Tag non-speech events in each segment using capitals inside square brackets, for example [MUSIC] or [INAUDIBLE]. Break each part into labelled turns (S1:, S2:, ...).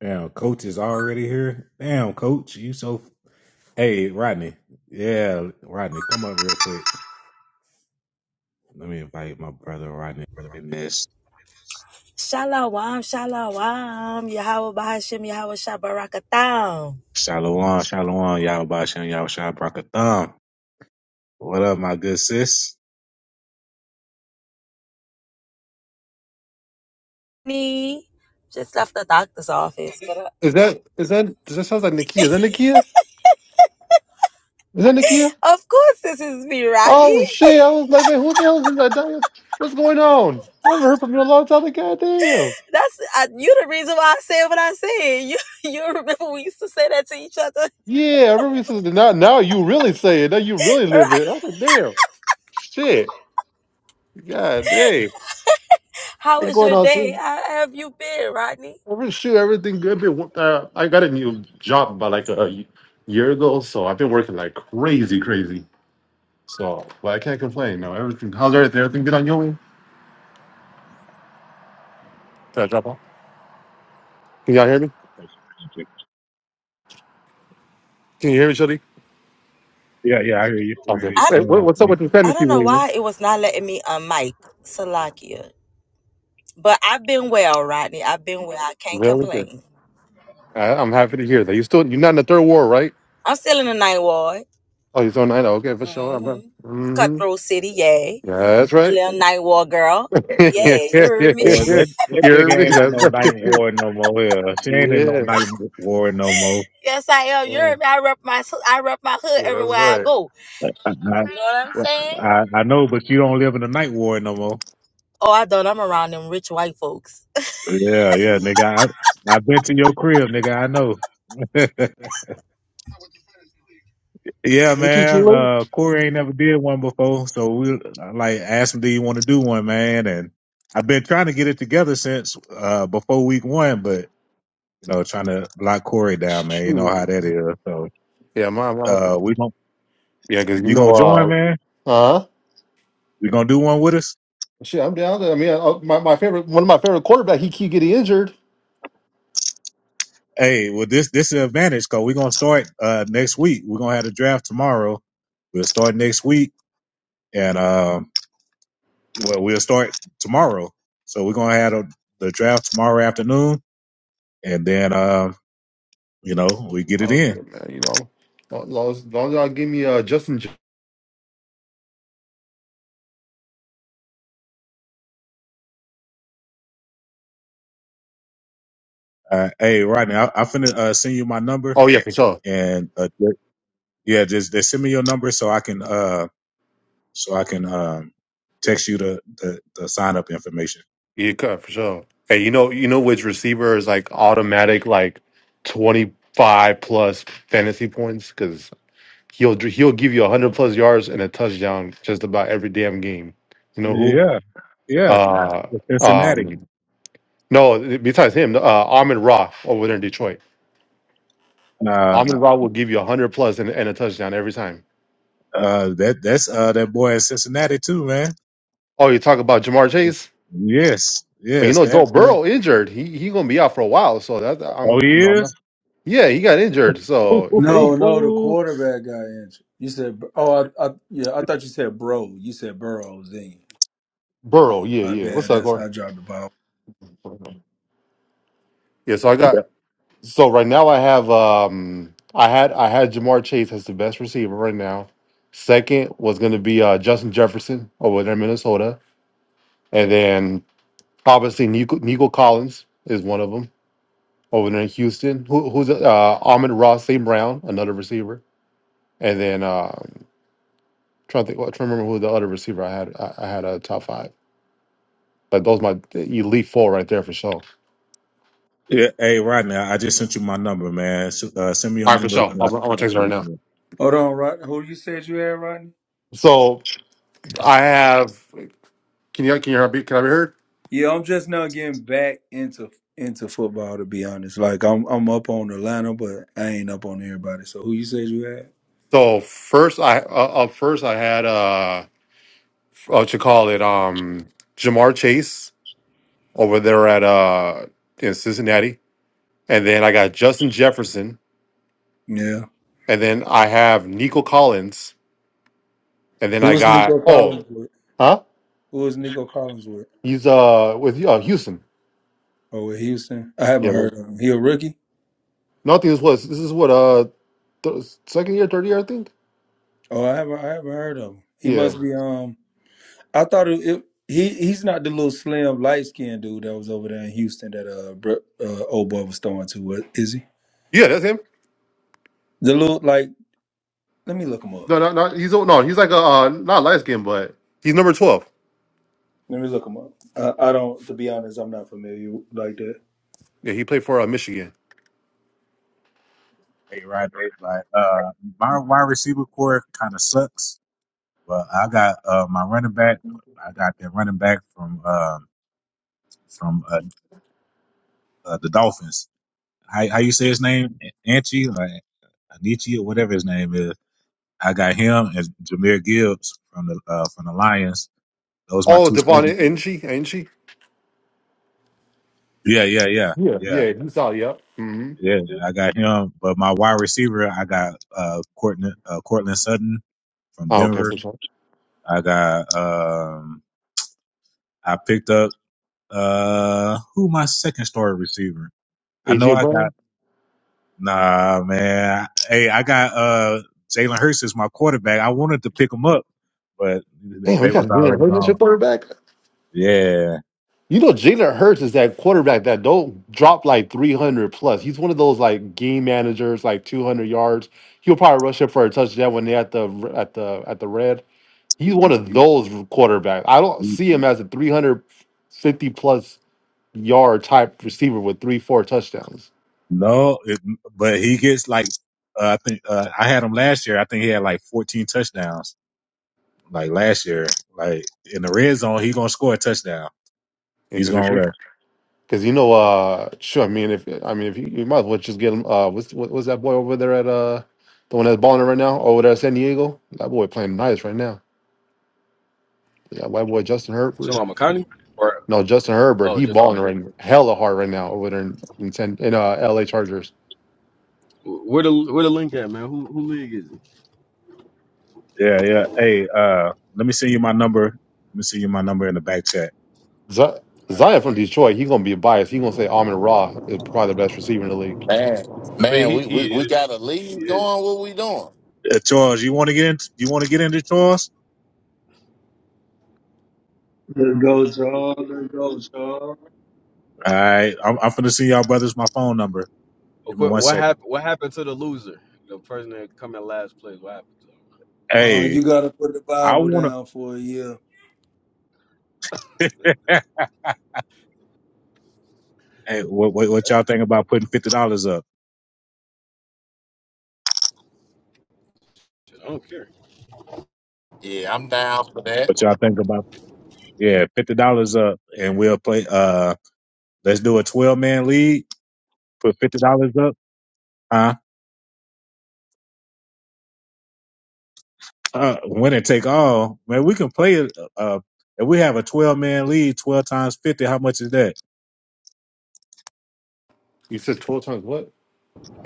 S1: Damn, coach is already here. Damn, coach, you so. Hey, Rodney. Yeah, Rodney, come up real quick. Let me invite my brother Rodney up in this.
S2: Shalom, shalom. Yahweh Bahashim, Yahweh Shabarakatam.
S1: Shalom, shalom, y'all bashin, y'all shah brakatham. What up, my good sis?
S2: Me, just left the doctor's office. But uh,
S3: Is that is that does that sound like Nikia? Is that Nikia? Is that Nikia?
S2: of course, this is me, Rodney.
S3: Oh shit! I was like, wait, who the hell is that? Like, What's going on? I haven't heard from you in a long time. Like, goddamn.
S2: That's uh, you. The reason why I say what I say. You, [LAUGHS] you remember we used to say that to each other.
S3: Yeah, I remember you said that. Now, now you really say it. Now you really live
S2: right?
S3: it. I'm like, damn. Shit. God damn.
S2: How
S3: What's
S2: was
S3: going
S2: your
S3: on?
S2: day?
S3: Sis?
S2: How have you been, Rodney?
S3: Every shoot, everything good. Been, uh, I got a new job about like a year ago, so I've been working like crazy, crazy. So, but I can't complain. No, everything. How's everything? Everything good on your end? Can I drop off? Can y'all hear me? Can you hear me, Shuddy?
S1: Yeah, yeah, I hear you. I hear
S3: Okay.
S1: you.
S2: I,
S3: Wait, what,
S1: Shalom,
S3: what's up
S1: man.
S3: with the
S2: I
S3: fantasy
S2: don't know
S3: league, man?
S2: why it was not letting me on mic, Salakia. But I've been well, Rodney. I've been well. I can't
S3: Very good.
S2: complain.
S3: I, I'm happy to hear that. You still you're not in the third war, right?
S2: I'm still in the night ward.
S3: Oh, you're still in nine. Okay, for sure.
S2: mm
S3: I'm
S2: hmm
S3: not. Mm-hmm.
S2: Cutthroat City, yay.
S3: That's
S2: A
S3: right.
S2: little night wall girl. Yeah, you heard me.
S1: Uh,
S3: [LAUGHS]
S1: that that nigga
S3: you're me.
S1: ain't in
S3: That's
S1: no night
S3: right.
S1: war no more. Yeah, she ain't in no
S3: Yeah.
S1: night war no more.
S2: [LAUGHS] yes, I am. You heard
S3: Oh,
S2: me. I rep my s- I rep my hood
S3: yeah, that's
S2: everywhere I
S3: right.
S2: go.
S1: I,
S2: You know what I'm
S1: I,
S2: saying?
S1: I I know, but you don't live in a night war no more.
S2: Oh, I done. I'm around them rich white folks.
S1: Yeah, yeah,
S3: Mm.
S1: nigga. I, I've been to your crib, nigga. I know. [LAUGHS] yeah,
S3: Ain't you
S1: man.
S3: Julie?
S1: Uh, Corey ain't never did one before, so we like asked him, "Do you want to do one, man?" And I've been trying to get it together since uh before week one, but you know, trying to lock Corey down, man. You know how
S3: Shoot.
S1: that is. So,
S3: Yeah, my, my
S1: uh, we gon'
S3: yeah, because you
S1: you gonna join,
S3: know,
S1: man?
S3: uh, uh,
S1: You gonna do one with us?
S3: shit, I'm down. there. I mean, uh, my, my favorite, one of my favorite quarterback, he keep getting injured.
S1: Hey, well, this this is an advantage because we're gonna start uh next week. We're gonna have the draft tomorrow. We'll start next week, and um. Well, we'll start tomorrow. So we're gonna have a, the draft tomorrow afternoon, and then uh, you know we get it
S3: Oh
S1: in.
S3: shit, man, you know, as long as, as long as y'all give me uh Justin. J-
S1: Uh, hey, Rodney, I, I finna uh, send you my number,
S3: Oh yeah, for sure.
S1: and uh, ju- yeah, just, just send me your number so I can uh so I can um text you the the, the sign up information.
S3: Yeah, cut for sure. Hey, you know, you know which receiver is like automatic, like twenty five plus fantasy points because he'll he'll give you hundred plus yards and a touchdown just about every damn game. You know who?
S1: Yeah, yeah,
S3: Uh,
S1: Cincinnati.
S3: um, no, besides him, uh, Amon Ra over there in Detroit.
S1: Uh,
S3: Amon Ra will give you hundred plus and, and a touchdown every time.
S1: uh, that that's uh that boy in Cincinnati too, man.
S3: Oh, you talk about Jamar Chase?
S1: Yes,
S3: Well, you
S1: yes,
S3: know,
S1: that
S3: Joe
S1: boy.
S3: Burrow injured. He he gonna be out for a while, so that
S1: Oh,
S3: I'm you know I'm
S1: he
S3: not. Yeah, he got injured, so yeah, he,
S4: No, no, the
S1: is.
S4: quarterback got injured. You said, oh, I, I, yeah, I thought you said bro. You said Burrows, didn't you?
S3: Burrow, yeah,
S4: My
S3: yeah.
S4: bad.
S3: What's up,
S4: That's
S3: Corey?
S4: I dropped the ball.
S3: Yeah, so I
S1: [LAUGHS]
S3: got so right now I have um I had I had Jamar Chase as the best receiver right now. Second was gonna be uh Justin Jefferson over there in Minnesota. And then obviously Nico, Nico Collins is one of them over there in Houston. Who, who's uh Ahmed Ross St. Brown, another receiver. And then uh trying to think well, trying to remember who the other receiver I had I, I had a top five. But those my elite four right there for sure.
S1: Yeah, hey Rodney, I I just sent you my number, man. S- Uh, send me your
S3: All right, for
S1: number.
S3: sure. I'm,
S1: so
S3: I'm
S1: I
S3: gonna
S1: can
S3: text it right
S1: reach
S3: now.
S1: you.
S4: Hold on, Rod. Who you said you had, Rodney?
S3: So I have. Can you can you hear me? Can I be heard?
S4: Yeah, I'm just now getting back into into football. To be honest, like I'm I'm up on Atlanta, but I ain't up on everybody. So who you said you had?
S3: So first, I uh, uh, first I had uh, f- uh what you call it um Jamar Chase over there at uh in Cincinnati, and then I got Justin Jefferson,
S4: Yeah.
S3: and then I have Nico Collins, and then
S4: Who
S3: I
S4: is
S3: got
S4: Nico
S3: oh
S4: Collins with?
S3: huh
S4: Who is Nico Collins with?
S3: he's uh with uh Houston
S4: Oh, with Houston. I
S3: yeah
S4: haven't heard
S3: well,
S4: of him. He a rookie?
S3: nothing is what this is what uh th- second year third year I think
S4: Oh, I haven't I haven't heard of him. He
S3: yeah
S4: must be um I thought it, it, he he's not the little slim light skinned dude that was over there in Houston that uh, Bre- uh old boy was throwing to. uh, Is he
S3: yeah that's him
S4: the little like? Let me look him up.
S3: no no no he's no he's like a uh, not light skin but he's number twelve.
S4: Let me look him up. Uh, I don't. To be honest, I'm not familiar like that.
S3: Yeah, he played for uh, Michigan.
S1: Hey Rodney, like uh, my wide receiver core kind of sucks, but I got uh my running back. I got that running back from um from uh, uh the Dolphins. How how you say his name? Anchi, like Anichi or whatever his name is. I got him and Jameer Gibbs from the uh from the Lions. Those my
S3: Oh,
S1: two.
S3: Devon
S1: starters.
S3: Ng, Ng.
S1: Yeah, yeah, yeah,
S3: Yeah,
S1: yeah.
S3: yeah, he's out. Yep. hmm
S1: Yeah, I got him. But my wide receiver, I got uh Cortland uh Cortland Sutton from
S3: Oh, okay,
S1: Denver.
S3: for sure.
S1: I got um I picked up uh who my second story receiver. I know
S3: AJ
S1: I got
S3: Brown.
S1: nah man. Hey, I got uh Jalen Hurts is my quarterback. I wanted to pick him up, but
S3: Damn, you
S1: they
S3: got
S1: was
S3: Jalen
S1: already
S3: Hurts as
S1: gone.
S3: your quarterback.
S1: Yeah.
S3: You know, Jalen Hurts is that quarterback that don't drop like three hundred plus. He's one of those like game managers, like two hundred yards. He'll probably rush up for a touchdown when they at the at the at the red. He's one of those quarterbacks. I don't see him as a three hundred fifty plus yard type receiver with three four touchdowns.
S1: No, it, but he gets like uh, I think uh, I had him last year. I think he had like 14 touchdowns. Like last year, like in the red zone, he gonna score a touchdown.
S3: Yeah,
S1: He's
S3: because if
S1: gonna
S3: you.
S1: rush.
S3: Because you know, uh, sure. I mean, if I mean, if you, you might as well just get him. Uh, what's what, what's that boy over there at uh, the one that's balling right now over there at San Diego? That boy playing nice right now. Yeah, white boy Justin Herbert.
S5: Shalom Akani? Or
S3: No, Justin Herbert.
S5: oh,
S3: He
S5: just or,
S3: balling right hella hard right now over there in in, San, in uh, L.A. Chargers.
S5: Where the where the link at, man? Who who league is it?
S1: Yeah, yeah. Hey, uh, let me send you my number. Let me send you my number in the back chat.
S3: Z-
S5: all right.
S3: Zion from Detroit. He gonna be biased. He gonna say Amon Ra is probably the best receiver in the league.
S6: Man,
S5: I mean,
S6: man,
S5: he
S6: we,
S5: he
S6: we, we got a
S5: is he
S6: lead
S5: is.
S6: going. What we doing?
S1: Uh, Charles, you want to get in? You want to get into Charles?
S4: There goes all, there goes all.
S1: All right, I'm, I'm finna send y'all brothers my phone number. Give me
S5: What
S1: one
S5: what
S1: second.
S5: happened? What happened to the loser? The person that come in last place. What happened to him?
S4: Uh,
S1: Hey,
S4: you gotta put the
S1: I
S4: Bible
S1: wanna.
S4: down for a year.
S1: [LAUGHS] hey, what, what what y'all think about putting fifty dollars up?
S5: Shit, I don't care.
S6: Yeah, I'm down for that.
S1: What y'all think about? Yeah, fifty dollars up, and we'll play. Uh, let's do a twelve man league. Put fifty dollars up. Huh? uh, win and take all, man, we can play it. Uh, if we have a 12 man lead, 12 times 50, how much is that?
S3: You said twelve times what?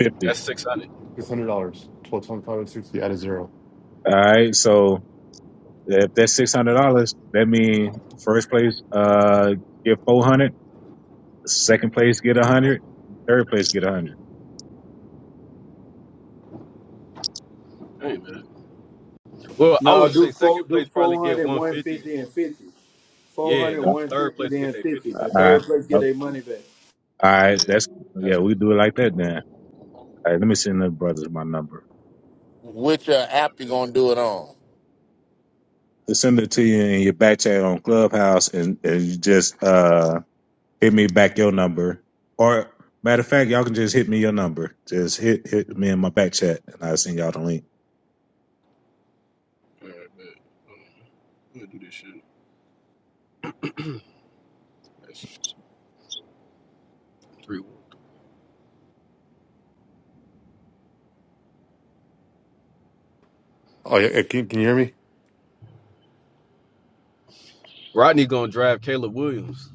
S1: 50.
S5: That's six hundred.
S3: Six hundred dollars. Twelve times five hundred sixty. Out of zero.
S1: All right. So if that's $600, that means first place, uh, get 400, second place, get 100, third place, get 100.
S5: Hey man. Well, I
S4: No,
S5: would
S4: do
S5: say
S4: four,
S5: second
S4: do
S5: place probably
S4: four
S5: get
S4: hundred
S5: one
S4: one
S5: fifty.
S4: fifty and 50. four
S5: Yeah,
S4: hundred
S1: All
S5: the
S4: one
S5: third
S4: fifty
S5: place get
S4: then
S5: their fifty
S4: 50. The
S5: back.
S1: right.
S4: third place get
S1: All
S4: their money back.
S1: right.
S5: Yeah,
S1: That's, yeah,
S5: that's
S1: we
S5: what
S1: do it like that then. All right. Let me send the brothers my number.
S6: Which uh,
S5: I bet.
S6: app you gonna do it on?
S1: Send it to you in your back chat on Clubhouse and, and you just, uh hit me back your number. Or matter of fact, y'all can just hit me your number. Just hit hit me in my back chat, and I'll send y'all the link.
S5: All right, bet. Um, I'm gonna do this shit. That's three.
S3: Oh yeah. Can, can you hear me?
S5: Rodney gonna drive Caleb Williams.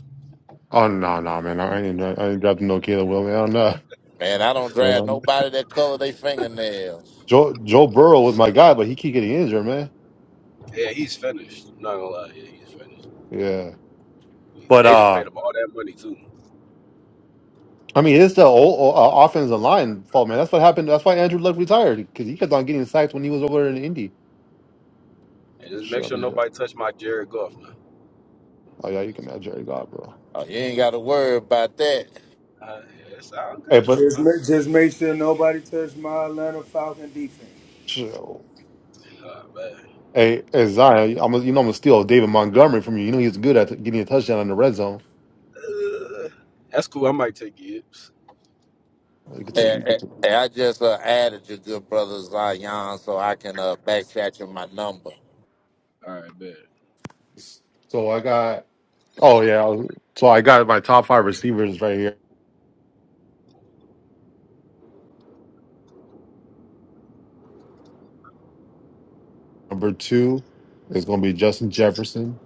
S3: Oh no, no, man. I ain't I ain't dropping no Caleb Will, man. I don't know.
S6: Man, I don't drag
S3: Um,
S6: nobody that color they fingernails.
S3: Joe Joe Burrow was my guy, but he keep getting injured, man.
S5: Yeah, he's finished. I'm not gonna lie. Yeah, he's finished.
S3: Yeah, But
S5: They just
S3: uh,
S5: paid him all that money too.
S3: I mean it's the old uh, offensive line fault, man. That's what happened. That's why Andrew Luck retired because he kept on getting sacked when he was over in Indy.
S5: And just make
S3: Shit,
S5: sure nobody touch my Jared Goff, man.
S3: oh yeah, you can have Jerry God, bro.
S6: Oh, you ain't got to worry about that.
S5: Uh, yeah, it sound
S3: Hey,
S5: good.
S3: but
S4: Just
S5: Sound
S4: make, just make sure nobody touch my Atlanta Falcon defense.
S3: chill.
S5: good. Oh,
S3: Hey, hey Zion, I'm gonna- you know I'm gonna steal David Montgomery from you. You know he's good at getting a touchdown in the red zone.
S5: man. Uh, that's cool. I might take Gibbs. It's
S3: You could
S5: cool.
S3: take, you
S6: And,
S3: could
S6: and-
S3: take.
S6: and I just uh, added your good brother Zion so I can uh, back chat you my number.
S5: All right, bet.
S3: So I got. Oh yeah, I was- so I got my top five receivers right here. Number two is gonna be Justin Jefferson.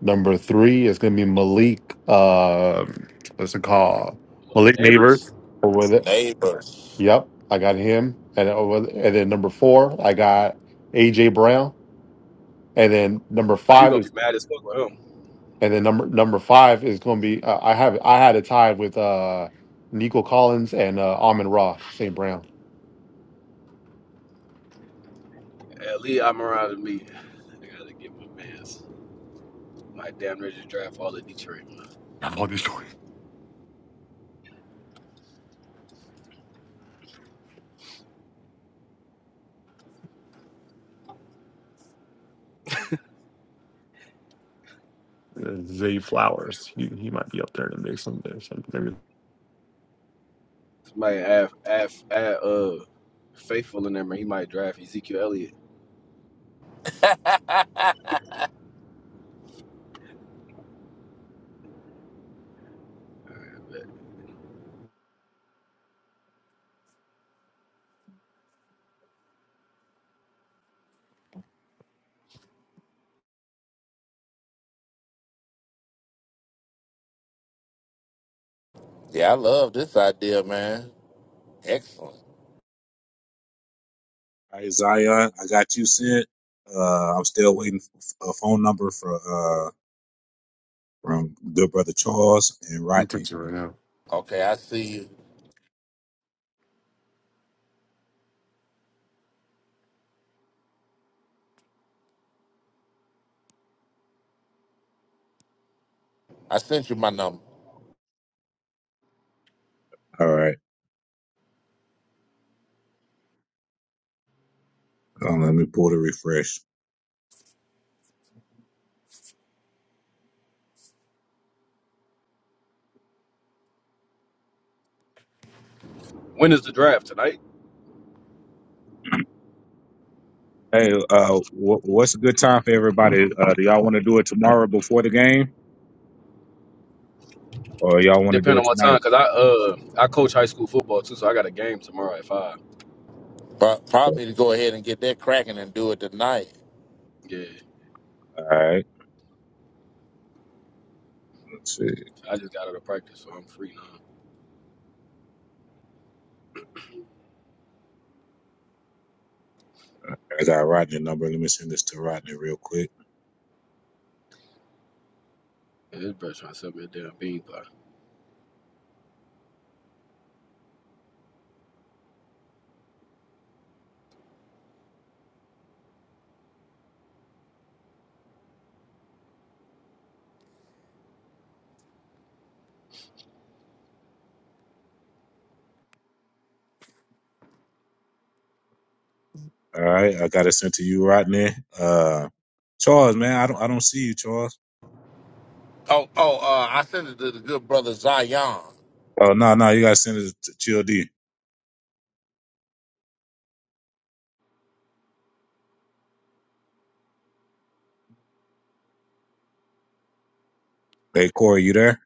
S3: Number three is going to be Malik. Um, what's it called?
S5: Well, like
S3: Malik Neighbors.
S5: neighbors,
S3: Or with it.
S6: Neighbors.
S3: Yep, I got him. And over, and then number four, I got AJ Brown. And then number
S5: uh, you
S3: five
S5: gonna be
S3: is
S5: mad as fuck with him.
S3: and then number number five is going to be uh, I have I had a tie with uh Nico Collins and uh Amon Ra St. Brown.
S5: Yeah, Lee Almiron and me. I gotta get my man's. My damn ready to draft all of Detroit. Man.
S3: I have all these
S5: Fuck
S3: stories.
S5: it.
S3: Uh, Zay Flowers, he, he might be up there in the mix someday. So maybe
S5: Somebody add, add, add, uh, faithful in there, man. He might draft Ezekiel Elliott.
S6: [LAUGHS] yeah, I love this idea, man. Excellent.
S1: All right, Zion, I got you sent. Uh, I'm still waiting for a phone number for uh from good brother Charles and Rodney.
S3: right now,
S6: Okay, I see you. I sent you my number.
S1: All right, um, let me pull the refresh.
S5: When is the draft tonight?
S1: Hey, uh, wh- what's a good time for everybody? Uh, do y'all want to do it tomorrow before the game, or y'all want to do
S5: Depending
S1: it
S5: on what
S1: tonight?
S5: time, cause I uh I coach high school football too, so I got a game tomorrow at five.
S6: But
S1: All
S6: probably to go ahead and get that cracking and do it tonight.
S5: Yeah,
S1: right, let's see.
S5: I just got out of practice, so I'm free now.
S1: I got Rodney's number. Let me send this to Rodney real quick.
S5: Yeah, this brother trying to sell me a damn bean pie.
S1: All right, I got it sent to you, Rodney. Uh, Charles, man, I don't, I don't see you, Charles.
S6: Oh, oh, uh, I sent it to the good brother Zion.
S1: Oh no, no, you got to send it to Chill D. Hey, Corey, you there?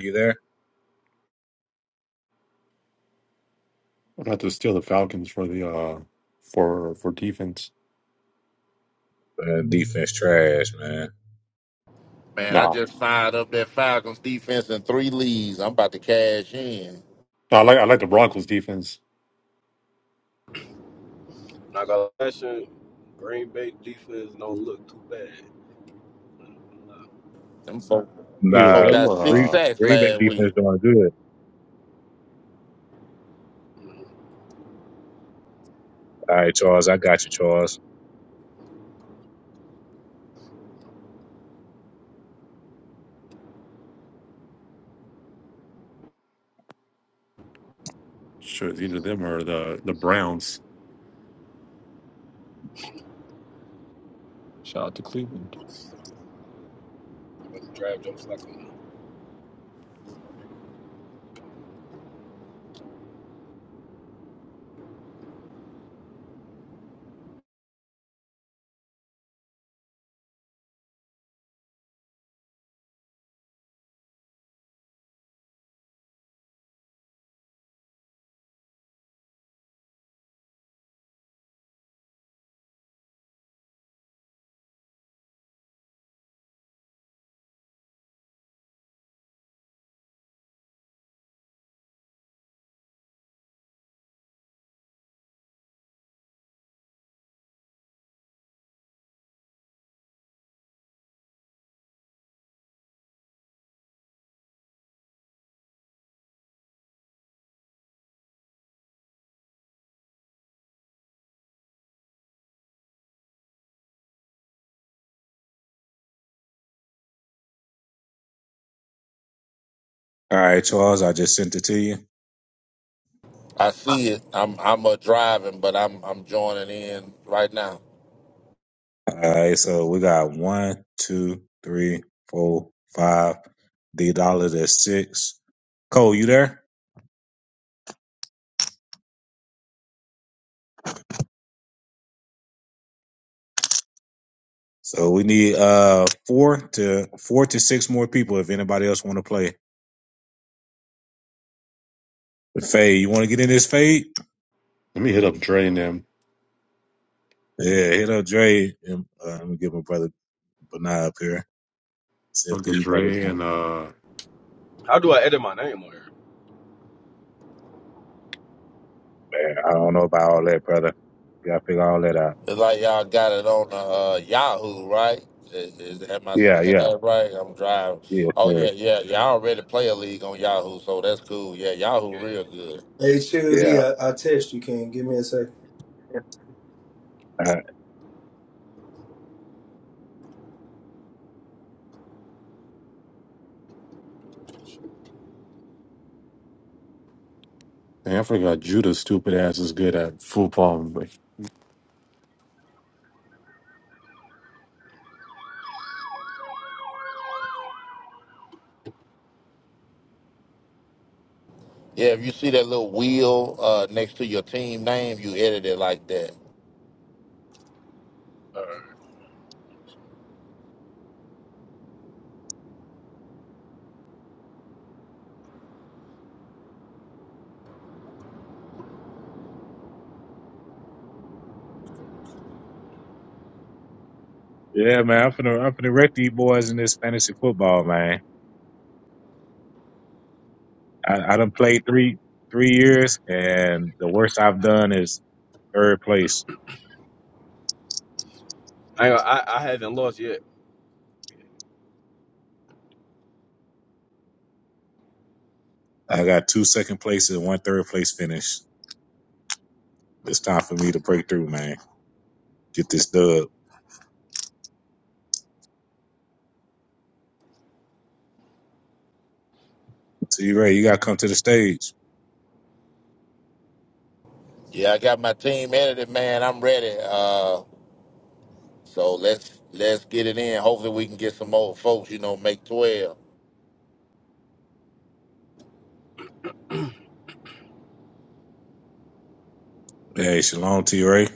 S1: You there?
S3: I'm gonna have to steal the Falcons for the uh for for defense.
S1: Man, defense trash, man.
S6: Man, I just fired up that Falcons defense in three leads. I'm about to cash in.
S3: I like I like the Broncos defense.
S5: Not gonna lie, that shit, Green Bay defense don't look too bad.
S6: Them folk, them
S3: Either
S6: folk
S1: Nah,
S3: them
S6: got
S3: or
S6: six
S1: Green,
S3: uh,
S6: sacks
S1: Green Bay
S6: last week.
S1: defense doing good.
S5: Mm-hmm.
S1: All right, Charles, I got you, Charles.
S3: sure, it's either them or the the Browns. Shout out to Cleveland.
S5: Draft jokes like a-
S1: All right, Charles, I just sent it to you.
S6: I see it. I'm I'm uh, driving, but I'm I'm joining in right now.
S1: All right, so we got one, two, three, four, five. D dollar that's six. Cole, you there? So we need uh four to four to six more people if anybody else want to play. But Fade, you want to get in this fade?
S3: Let me hit
S1: Mm.
S3: up Dre and them.
S1: Yeah, hit up Dre and uh, let me get my brother Benai up here. See if
S3: Uncle
S1: these brothers.
S3: Dre and uh,
S5: How do I edit my name on here?
S1: Man, I don't know about all that, brother. You gotta figure all that out.
S6: It's like y'all got it on uh, Yahoo, right? Is, is, am I seeing
S1: Yeah, yeah,
S6: that right? I'm driving.
S1: yeah,
S6: Oh yeah,
S1: sure.
S6: yeah, yeah. I already play a league on Yahoo, so that's cool. Yeah, Yahoo
S5: Yeah,
S6: real good.
S4: Hey, Chill D,
S1: yeah,
S4: I, I text you, King. Give me a second.
S1: uh,
S3: man, I forgot Judah. Stupid ass is good at football.
S6: Yeah, if you see that little wheel uh, next to your team name, you edit it like that.
S5: uh,
S1: yeah, man. I'm finna I'm finna wreck these boys in this fantasy football, man. I, I done played three three years, and the worst I've done is third place.
S5: I, ain't gonna- I I haven't lost yet.
S1: I got two second places and one third place finish. It's time for me to break through, man. Get this dub. T Ray, you gotta come to the stage.
S6: Yeah, I got my team edited, man. I'm ready. Uh, so let's let's get it in. Hopefully, we can get some old folks. You know, make twelve.
S1: Hey, shalom, T Ray.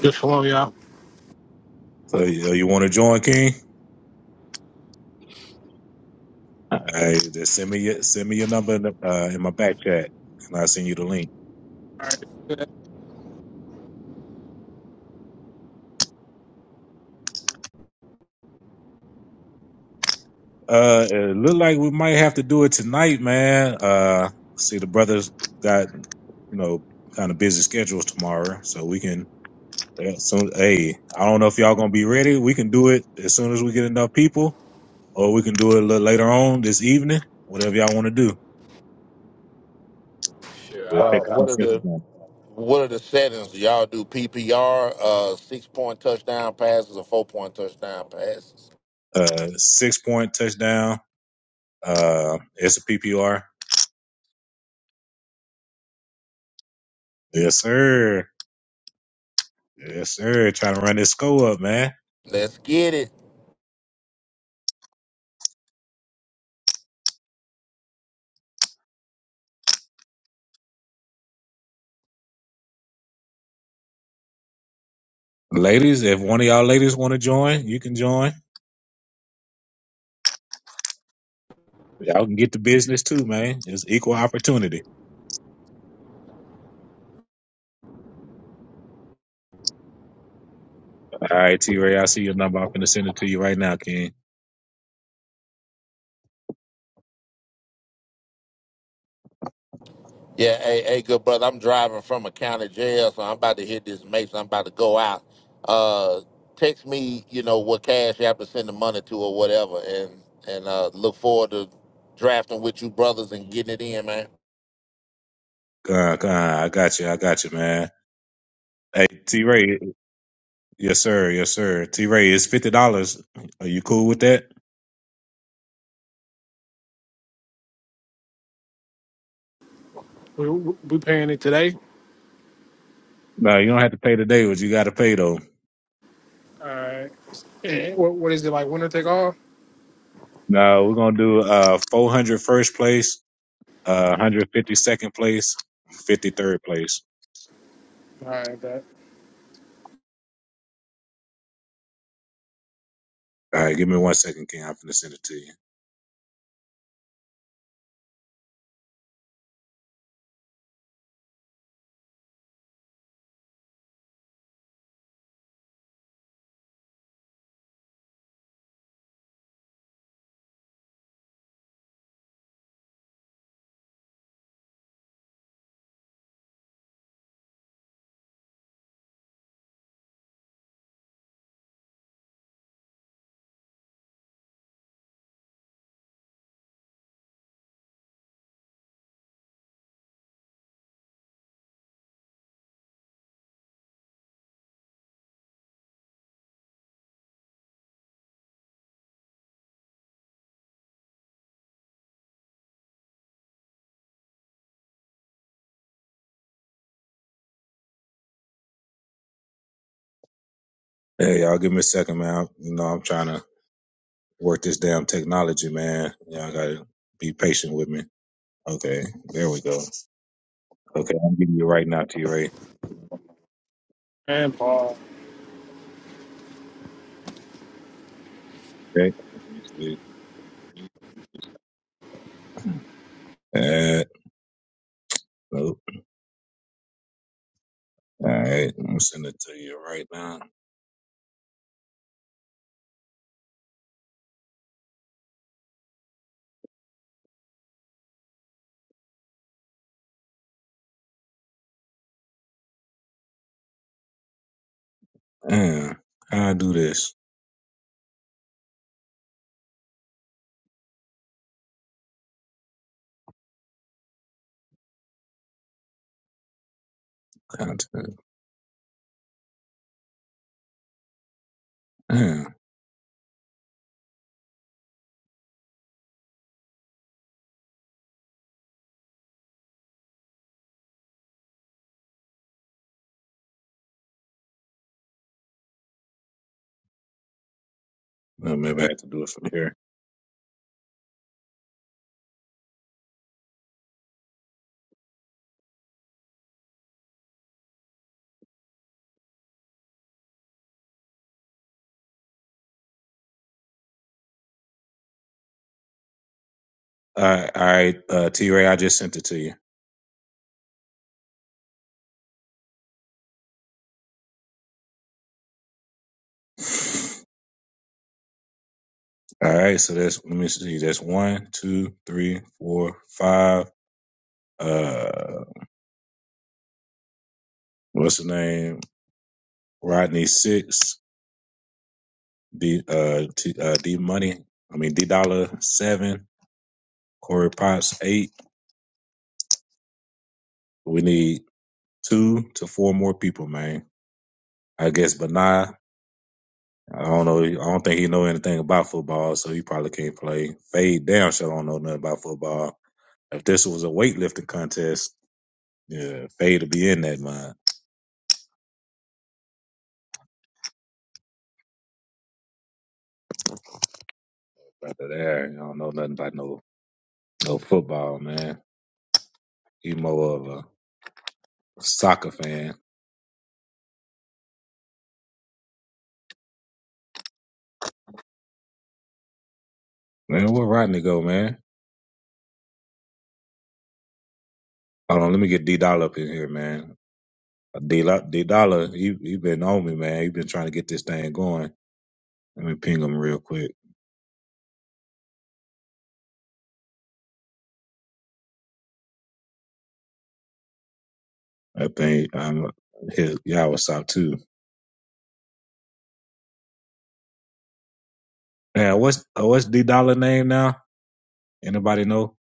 S7: Good shalom, y'all.
S1: So you, you want to join, King? Hey, just send me your send me your number in, the, uh, in my back chat, and I'll send you the link.
S7: All right.
S1: Uh, it look like we might have to do it tonight, man. Uh, see, the brothers got you know kind of busy schedules tomorrow, so we can. Yeah, soon, hey, I don't know if y'all gonna be ready. We can do it as soon as we get enough people or we can do it a little later on this evening. Whatever y'all want to do,
S5: Sure,
S1: we'll
S5: I,
S1: take
S6: Uh,
S1: a few
S6: what are
S1: cents
S6: the what are the settings? Do y'all do PPR, uh, six point touchdown passes, or four point touchdown passes?
S1: Uh, six point touchdown. Uh, it's a PPR. Yes, sir. Yes, sir. Trying to run this score up, man.
S6: Let's get it.
S1: Ladies, if one of y'all ladies want to join, you can join. Y'all can get the business too, man. It's equal opportunity. All right, T Ray, I see your number. I'm finna send it to you right now, King.
S6: Yeah, hey, hey, good brother. I'm driving from a county jail, so I'm about to hit this mason. I'm about to go out. Uh, text me, you know, what cash you have to send the money to or whatever, and and uh, look forward to drafting with you brothers and getting it in, man.
S1: God, God, I got you. I got you, man. Hey, T Ray, Yes, sir. Yes, sir. T Ray, it's fifty dollars. Are you cool with that?
S7: We, we paying it today.
S1: No, you don't have to pay today, but you gotta pay though.
S7: All right. what, what is it like? Winner take all?
S1: No, we're gonna do uh 400 first place, uh 150 second place, 53rd place.
S7: All right. Bet.
S1: All right, give me one second, King. I'm finna send it to you. Hey, y'all, give me a second, man. I'm- you know, I'm trying to work this damn technology, man. Y'all gotta be patient with me. Okay, there we go. Okay, I'm giving you right now, T Ray.
S7: And Paul.
S1: Okay, let me see. [CLEARS THROAT] Uh, nope. All right, I'm sending it to you right now. Damn, how I do this content? Damn, well, maybe I have to do it from here. All right, all right, uh, T Ray, I just sent it to you. All right, so that's let me see, that's one, two, three, four, five. Uh, what's the name? Rodney six, D uh, T, uh D Money. I mean D Dollar seven, Corey Potts eight. We need two to four more people, man. I guess Benai I don't know. I don't think he know anything about football, so he probably can't play. Fade damn! sure don't know nothing about football. If this was a weightlifting contest, yeah, Fade to be in that mind. After there, I don't know nothing about no no football, man. He more of a soccer fan. Man, where Rodney go, man? Hold on, let me get D Dollar up in here, man. Uh, D Dollar, he he been on me, man. He been trying to get this thing going. Let me ping him real quick. I think I'm his Yahweh South too. Yeah, what's uh, what's D Dollar name now? Anybody know?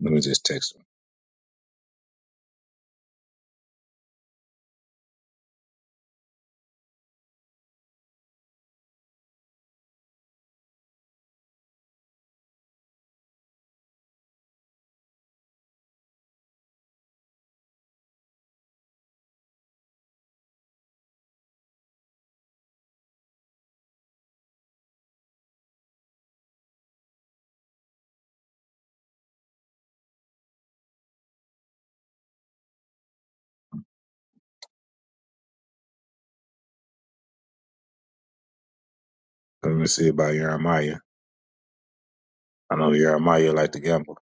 S1: Let me just text him. Let me see about Jeremiah. I know Jeremiah like to gamble.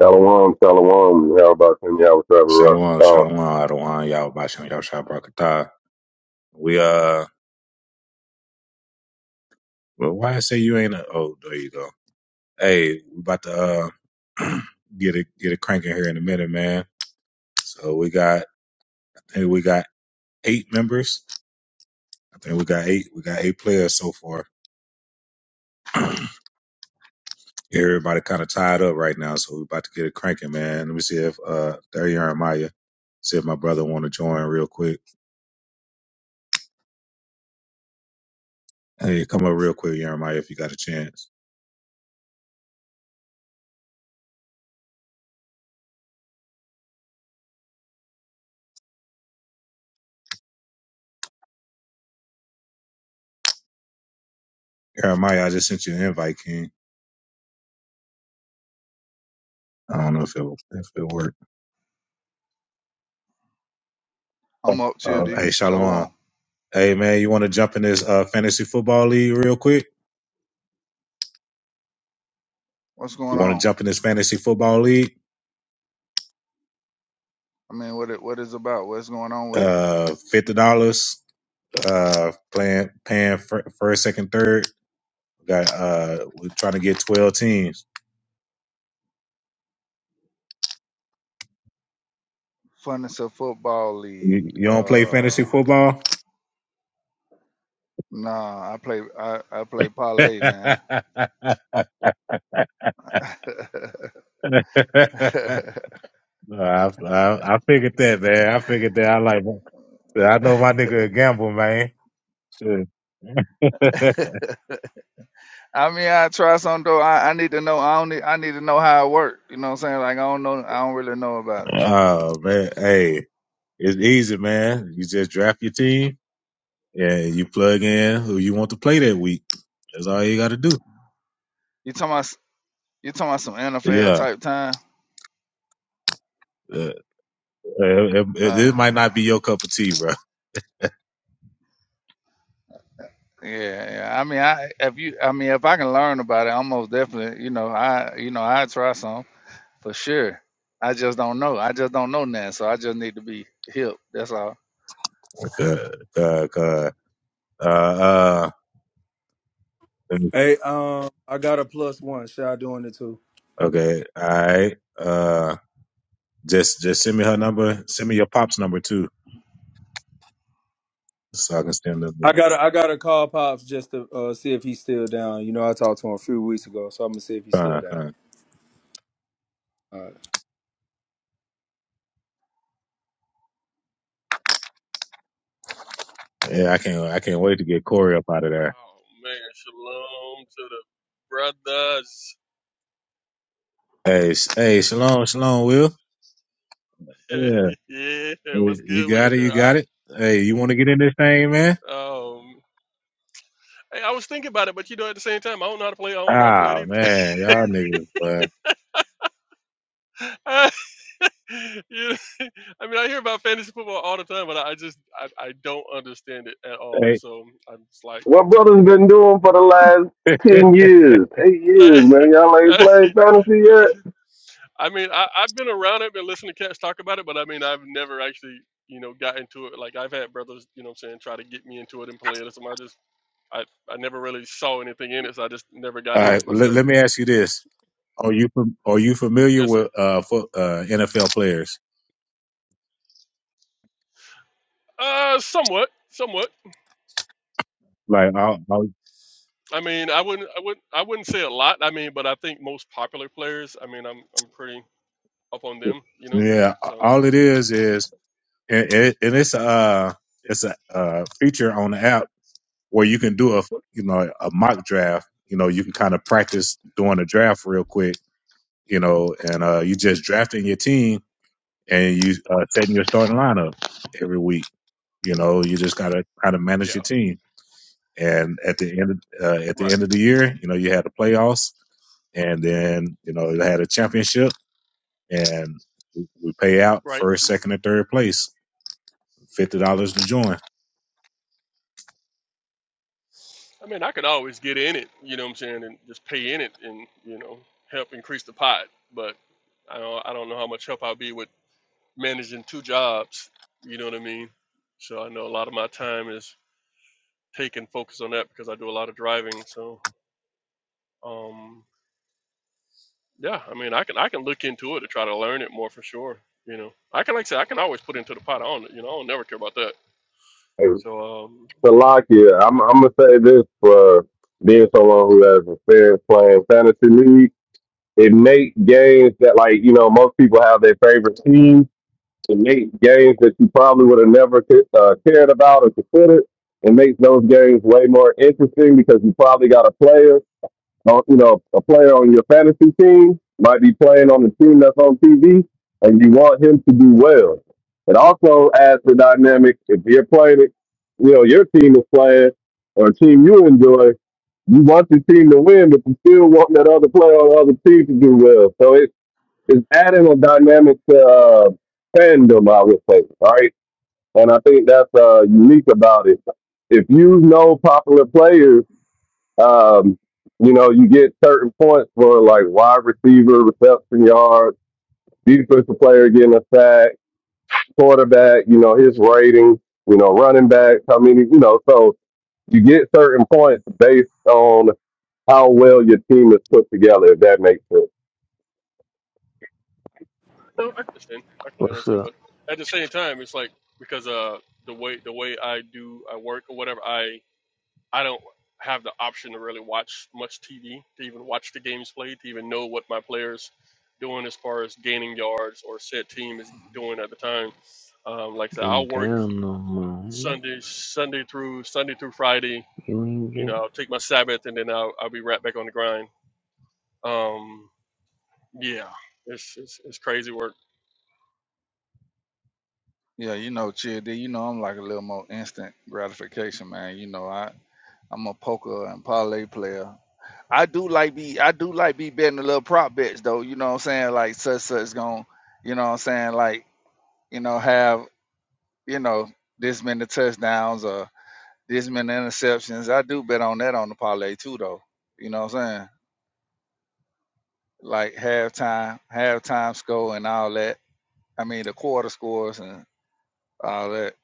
S8: Shalom, shalom. How about them? Y'all what's up, rock and
S1: Shalom,
S8: power?
S1: shalom, Adawan, y'all Basham, y'all Shabrakatah. We uh well why I say you ain't a oh, there you go. Hey, we about to uh [CLEARS THROAT] get it get it cranking here in a minute, man. So we got I think we got eight members. I think we got eight we got eight players so far. Everybody kind of tied up right now, so we're about to get it cranking, man. Let me see if uh there Jeremiah. See if my brother want to join real quick. Hey, come up real quick, Jeremiah, if you got a chance. Jeremiah, I just sent you an invite, King. I don't know if it if it worked.
S9: I'm up,
S1: Uh,
S9: TLD.
S1: hey, Shalom.
S9: Shalom.
S1: Hey, man, you want to jump in this uh fantasy football league real quick?
S9: What's
S1: You
S9: going
S1: want to
S9: on?
S1: jump in this fantasy football league?
S9: I mean, what it what is about? What's going on with it?
S1: Uh, fifty dollars. Uh, playing paying fir- first, second, third. We Got uh, we're trying to get twelve teams.
S9: Funness of football league.
S1: You, you don't play
S9: Uh,
S1: fantasy football?
S9: nah, I play I, I play
S1: [LAUGHS]
S9: parlay, man. [LAUGHS]
S1: No, I, I I figured that, man. I figured that. I like. I know my nigga a gamble, man. Shit. [LAUGHS]
S9: I mean, I try some though. I, I need to know. I don't need, I need to know how it works. You know what I'm saying? Like I don't know. I don't really know about it.
S1: oh man, hey, it's easy, man. You just draft your team and you plug in who you want to play that week. That's all you got to do.
S9: You talking about you talking about some NFL
S1: Yeah,
S9: type time?
S1: uh, uh, it, it, it might
S9: Uh,
S1: not be your cup of tea, bro.
S9: yeah, yeah. I mean, I if you, I mean, if I can learn about it, I'm most definitely. You know, I you know I try some. for sure. I just don't know. I just don't know now, so I just need to be hip. That's all.
S1: [LAUGHS] uh, uh, uh, uh,
S4: Hey, um, I got a plus one. Shy doing it too.
S1: Okay. All right. Uh, just just send me her number. Send me your pop's number too, so I can send
S4: I
S1: them.
S4: got to I got to call pops just to uh, see if he's still down. You know, I talked to him a few weeks ago, so I'm gonna see if he's still
S1: Fine,
S4: down.
S1: fine.
S4: All right.
S1: Yeah, I can't. I can't wait to get Corey up out of there.
S10: Oh man, shalom to the brothers.
S1: Hey, sh- hey, shalom, shalom, Will. Yeah,
S10: [LAUGHS] yeah, what's
S1: you
S10: good with
S1: got
S10: it
S1: it.
S10: there?
S1: You got
S10: I,
S1: it. Hey, you want to get in this thing, man?
S10: um, hey, I was thinking about it, but you know, at the same time, I don't know how to play. I don't know how to play it
S1: Ah,
S10: either.
S1: man, y'all niggas. But
S10: [LAUGHS] I, you know, [LAUGHS] I mean, I hear about fantasy football all the time, but I just I, I don't understand it at all.
S1: hey,
S10: So I'm just like,
S8: What brother's been doing for the last
S1: [LAUGHS]
S8: 10 years, 8 years,
S10: [LAUGHS]
S8: man? Y'all ain't playing fantasy yet?
S10: I mean, I, I've been around it, been listening to cats talk about it, but I mean, I've never actually. You know, got into it. Like I've had brothers, you know, what I'm saying, try to get me into it and play it or something. I, I never really saw anything in it, so I just never
S1: all
S10: got
S1: right.
S10: in
S1: well, Let,
S10: myself.
S1: let me ask you this: Are you fam- are you familiar
S10: Yes, sir.
S1: with uh, fo- uh NFL players?
S10: Uh, somewhat, somewhat.
S1: Like, I'll,
S10: I mean, I wouldn't, I wouldn't, I wouldn't say a lot. I mean, but I think most popular players. I mean, I'm, I'm pretty up on them, you know.
S1: yeah,
S10: So
S1: all it is is and, and and it's uh it's a uh, feature on the app where you can do a you know a mock draft. You know, you can kind of practice doing a draft real quick. You know, and uh, you just drafting your team and you uh, setting your starting lineup every week. You know, you just gotta kind of manage your
S10: yeah,
S1: team. And at the end of, uh, at the
S10: right,
S1: end of the year, you know, you had the playoffs, and then you know you had a championship, and we we pay out
S10: right.
S1: first, second, and third place, fifty dollars to join.
S10: I mean, I could always get in it, you know what I'm saying, and just pay in it, and you know, help increase the pot. But I don't, I don't know how much help I'll be with managing two jobs. You know what I mean? So I know a lot of my time is take and focus on that because I do a lot of driving. So, um, yeah, I mean, I can I can look into it to try to learn it more for sure. You know, I can like I said, I can always put it into the pot. I don't, you know, I don't never care about that.
S8: Hey,
S10: So, um,
S8: Salakia, I'm, I'm going to say this for being someone who has experience playing fantasy league. It makes games that, like, you know, most people have their favorite team. It makes games that you probably would have never c- uh, cared about or considered. It makes those games way more interesting because you probably got a player Oh, You know, a player on your fantasy team might be playing on the team that's on TV, and you want him to do well. It also adds the dynamic. If you're playing it, you know, your team is playing or a team you enjoy, you want your team to win, but you still want that other player on the other team to do well. So it, it's adding a dynamic to uh, fandom, I would say, all right? And I think that's uh, unique about it. If you know popular players, um, you know, you get certain points for like wide receiver, reception yards, defensive player getting a sack, quarterback, you know, his rating, you know, running back, how many, you know, so you get certain points based on how well your team is put together, if that makes sense.
S10: no, I understand. I can
S11: What's
S10: understand,
S11: up?
S10: but at the same time, it's like because uh, the way the way I do I work or whatever, I I don't have the option to really watch much TV to even watch the games played to even know what my players doing as far as gaining yards or set team is doing at the time um, like I said,
S11: Getting
S10: I'll work
S11: down no more.
S10: Sunday, Sunday through Sunday through Friday.
S11: You ain't
S10: You
S11: get.
S10: know, I'll take my Sabbath and then I'll I'll be right back on the grind. Um, yeah, it's it's, it's crazy work.
S9: Yeah, you know, chill. D, You know, I'm like a little more instant gratification, man. You know, I I'm a poker and parlay player. I do like be I do like be betting a little prop bets though. You know what I'm saying? Like such such going you know what I'm saying? Like you know have you know this many touchdowns or this many interceptions. I do bet on that on the parlay too though. You know what I'm saying? Like halftime, halftime score and all that I mean the quarter scores and all that.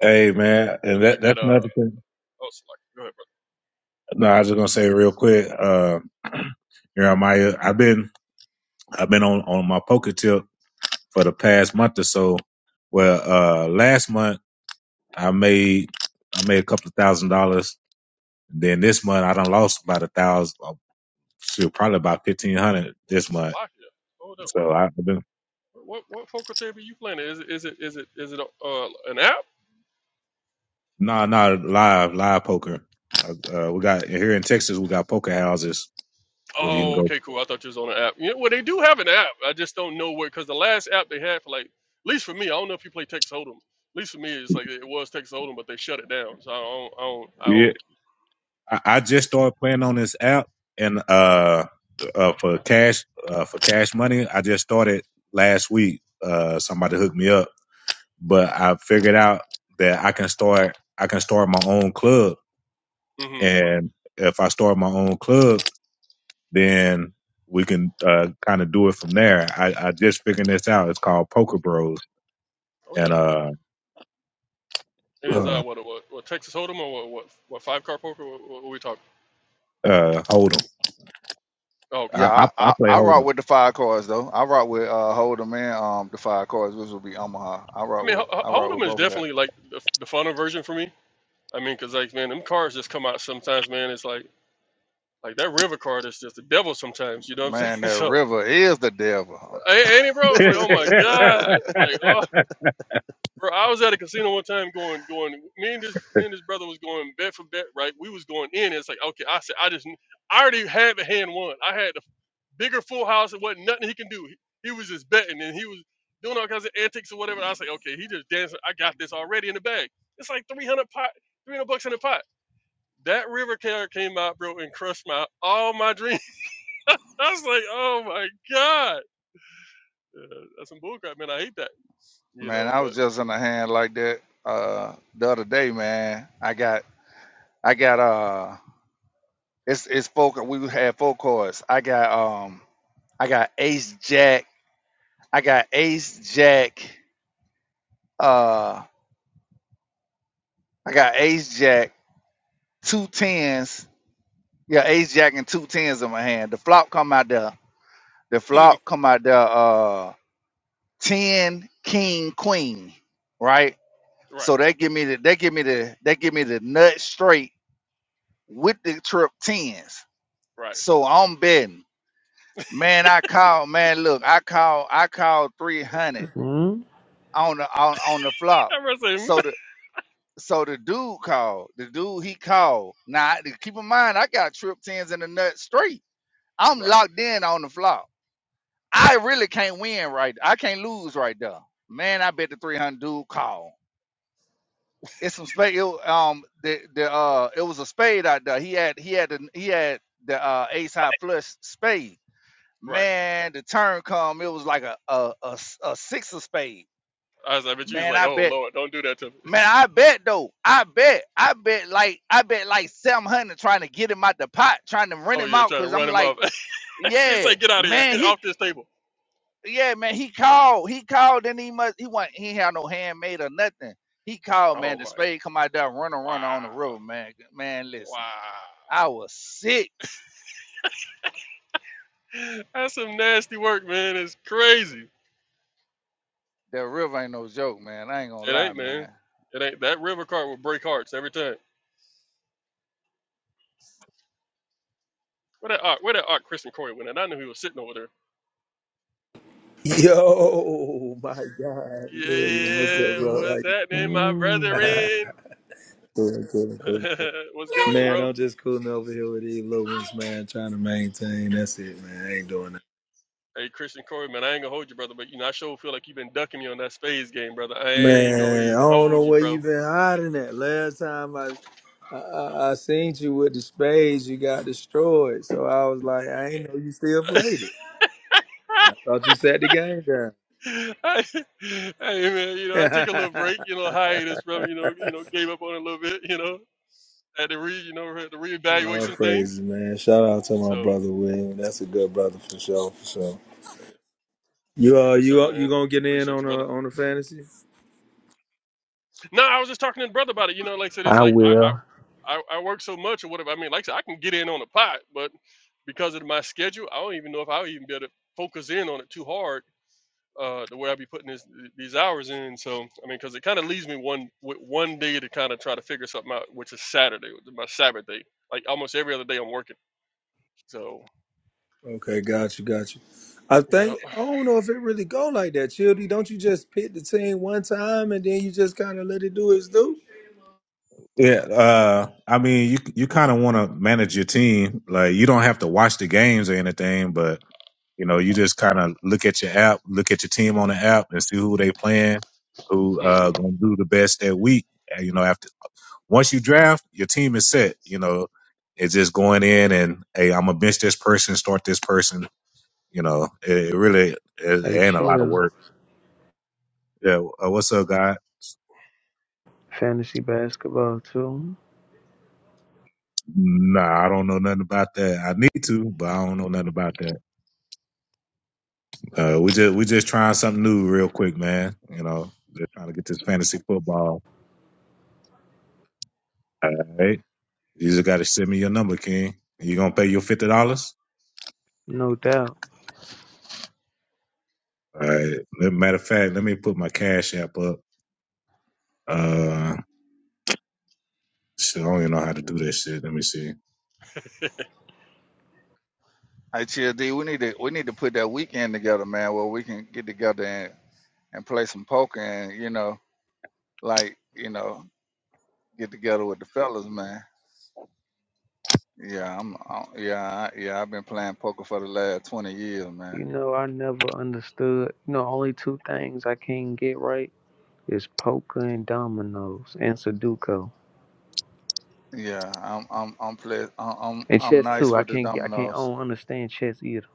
S1: Hey man, and
S10: Something
S1: that
S10: like that. Uh,
S1: that's
S10: oh,
S1: another thing.
S10: Salakia, go ahead, brother.
S1: No, I was just gonna say real quick, uh [CLEARS THROAT] Jeremiah, I've been I've been on, on my poker tip for the past month or so. Well uh last month I made I made a couple of thousand dollars. Then this month I done lost about a thousand uh, shoot, probably about fifteen hundred
S10: Wait,
S1: this month.
S10: Salakia. Hold up. What
S1: So I've been
S10: what what focal tape you playing? Is it is it is it is it uh an app?
S1: no, no live, live poker. Uh, uh, we got here in Texas we got poker houses where you can
S10: Oh,
S1: go.
S10: okay, cool. I thought you was on an app. You know, well, they do have an app. I just don't know where because the last app they had for like, at least for me, I don't know if you play Texas Hold'em. At least for me, it's like it was Texas Hold'em, but they shut it down. So I don't I don't I
S1: yeah,
S10: don't.
S1: I, I
S10: You
S1: just started playing on this app and uh, uh for cash uh for cash money. I just started last week. Uh, somebody hooked me up, but I figured out that I can start. I can start my own club,
S10: know. hmm
S1: and if I start my own club, then we can uh kind of do it from there. I, I just figured this out. It's called Poker Bros,
S10: Oh yeah.
S1: and uh,
S10: And is
S1: uh,
S10: that what what, what Texas Hold'em or what what, what five card poker? What, what, we talking?
S1: uh Hold'em.
S10: Oh, okay.
S9: Yeah,
S1: I, I
S9: I,
S1: I
S9: I,
S1: play
S9: I rock
S1: Hold'em.
S9: with the five cards though. I rock with uh Holder man um the five cards, which would be Omaha. I
S10: I
S9: rock
S10: mean,
S9: with
S10: Ho-
S9: I
S10: Ho-
S9: rock with
S10: Hold'em is
S9: both of that.
S10: definitely like the, the funner version for me. I mean, cause like man, them cards just come out sometimes, man. It's like like that river card is just the devil sometimes. You know what I'm
S9: Man,
S10: saying? [LAUGHS]
S9: that
S10: So,
S9: river is the devil.
S10: a- ain't it, bro? It's like, oh my god. It's like, oh, bro. I was at a casino one time going going. Me and this me and this brother was going bet for bet, right? We was going in. It's like, okay, I said, I just I already had the hand won. I had the bigger full house and wasn't nothing he can do. He, he was just betting and he was doing all kinds of antics or whatever. I was like, okay, he just dancing. I got this already in the bag. It's like 300 pot, 300 bucks in a pot. That river car came out, bro, and crushed my all my dreams. [LAUGHS] I was like, oh my god, uh, that's some bullcrap, man. I hate that, you
S9: Man,
S10: know.
S9: I was
S10: But
S9: just in a hand like that uh the other day, man. I got I got uh it's it's four we had four cards. I got um I got ace jack, I got ace jack, uh I got ace jack, two tens, Yeah, ace jack and two tens in my hand. The flop come out there. The
S10: [LAUGHS]
S9: flop come out there. Uh, ten king queen, right?
S10: right,
S9: So that give me the that give me the that give me the nut straight with the trip tens.
S10: right.
S9: So I'm betting, man. I call man. Look, I call I call three hundred
S11: Mm?
S9: on the on on the flop.
S10: I was like,
S9: So the so the dude called. The dude he called. Now I- keep in mind, I got trip tens in the nut straight. I'm
S10: right,
S9: locked in on the flop. I really can't win right. I can't lose right there. Man, I bet the 300 dude call. It's some spade. It, um, the the uh, it was a spade out there. He had he had the he had the uh ace high flush spade.
S10: right.
S9: Man, the turn come. It was like a a a, s- a six of spade.
S10: I was like, but you was
S9: Man,
S10: like,
S9: I
S10: oh
S9: bet.
S10: Lord, don't do that to me. [LAUGHS]
S9: Man, I bet though. I bet. I bet like I bet like seven hundred trying to get him out the pot, trying to rent
S10: Oh,
S9: him
S10: you're
S9: out.
S10: trying to
S9: Cause I'm
S10: run him off.
S9: like,
S10: [LAUGHS] it's
S9: yeah,
S10: like, get out of here,
S9: man.
S10: get
S9: He
S10: off this table.
S9: Yeah, man, he called. He called, and he must. He want. He ain't had no handmade or nothing. He called,
S10: Oh
S9: man. The
S10: my,
S9: spade come out there, run and run on the
S10: wow.
S9: river, man. Man,
S10: Wow.
S9: listen, I was sick.
S10: That's some nasty work, man. It's crazy.
S9: That river ain't no joke, man. I ain't gonna
S10: It
S9: lie,
S10: ain't, man.
S9: man.
S10: It ain't. That river cart will break hearts every time. Where that arc, where that arc Christian Corey went and I knew he was sitting over there.
S4: Yo, [LAUGHS] my God. William, what's up,
S10: Yeah,
S4: bro?
S10: what's happening, my
S11: Mm.
S4: How you-
S10: brethren?
S4: [LAUGHS] cool, cool, cool.
S10: [LAUGHS] what's good with you,
S4: Man,
S10: bro?
S4: I'm just cooling over here with these little ones, man. Trying to maintain. That's it, man. I ain't doing that.
S10: Hey, Christian Corey, man, I ain't gonna hold you, brother, but you know, I sure feel like you've been ducking me on that spades game, brother. I ain't gonna
S4: Man, I
S10: even
S4: don't
S10: hold
S4: know
S10: you,
S4: where you
S10: bro.
S4: been hiding at. Last time I. I, I I seen you with the spades. You got destroyed. So I was like, I ain't know you still played it. I
S10: [LAUGHS]
S4: thought you sat the game down.
S10: I, hey man, you know, I took a little break, you know, hiatus,
S4: [LAUGHS]
S10: brother, you know, you know, gave up on it a little bit, you know. had to re you know had to reevaluate
S4: All
S10: some
S4: praises,
S10: things.
S4: man. Shout out to my
S10: So,
S4: brother William. That's a good brother for sure, for sure.
S10: so,
S4: You uh,
S10: yes,
S4: you
S10: sir,
S4: uh, you
S10: man.
S4: gonna get in
S10: Appreciate
S4: on
S10: you, brother.
S4: a on the fantasy?
S10: No, I was just talking to the brother about it. You know, like I said, it's
S11: I
S10: like
S11: will.
S10: I I I, I work so much or whatever. I mean, like I said, I can get in on the pot, but because of my schedule, I don't even know if I'll even be able to focus in on it too hard. Uh, the way I be putting this, these hours in, so I mean, because it kind of leaves me one with one day to kind of try to figure something out, which is Saturday, which is my Sabbath day. Like almost every other day, I'm working. So,
S4: Okay, got you, got you. I
S10: yeah.
S4: think I don't know if it really go like that, Childy. Don't you just pick the team one time and then you just kind of let it do its do?
S1: Yeah, uh, I mean, you you kind of want to manage your team. Like, you don't have to watch the games or anything, but you know, you just kind of look at your app, look at your team on the app, and see who they playing, who
S10: Mm.
S1: uh gonna do the best that week. And, you know, after once you draft, your team is set. You know, it's just going in and hey, I'm gonna bench this person, start this person. You know, it, it really it, it
S11: Hey,
S1: ain't a lot of
S11: chill.
S1: work. Yeah, uh, what's up, guy?
S11: Fantasy basketball too.
S1: Nah, I don't know nothing about that. I need to, but I don't know nothing about that. Uh, we just we just trying something new real quick, man. You know, just trying to get this fantasy football. All right, you just got to send me your number, King. You gonna pay your fifty dollars?
S11: No doubt.
S1: All right. Matter of fact, let me put my cash app up. Uh, shit, I don't even know how to do that shit. Let me see.
S9: Hey, Chill D, we need to we need to put that weekend together, man, where we can get together and and play some poker, and you know, like you know, get together with the fellas, man. Yeah, I'm. I, yeah, I, yeah. I've been playing poker for the last twenty years, man.
S11: You know, I never understood. You know, only two things I can't get right is poker and dominoes and Sudoku
S9: Yeah, I'm I'm I'm play, I'm I'm
S11: and
S9: I'm
S11: chess
S9: nice
S11: too. I
S9: with the
S11: can't get. I can't. I
S9: dominoes.
S11: don't understand chess either.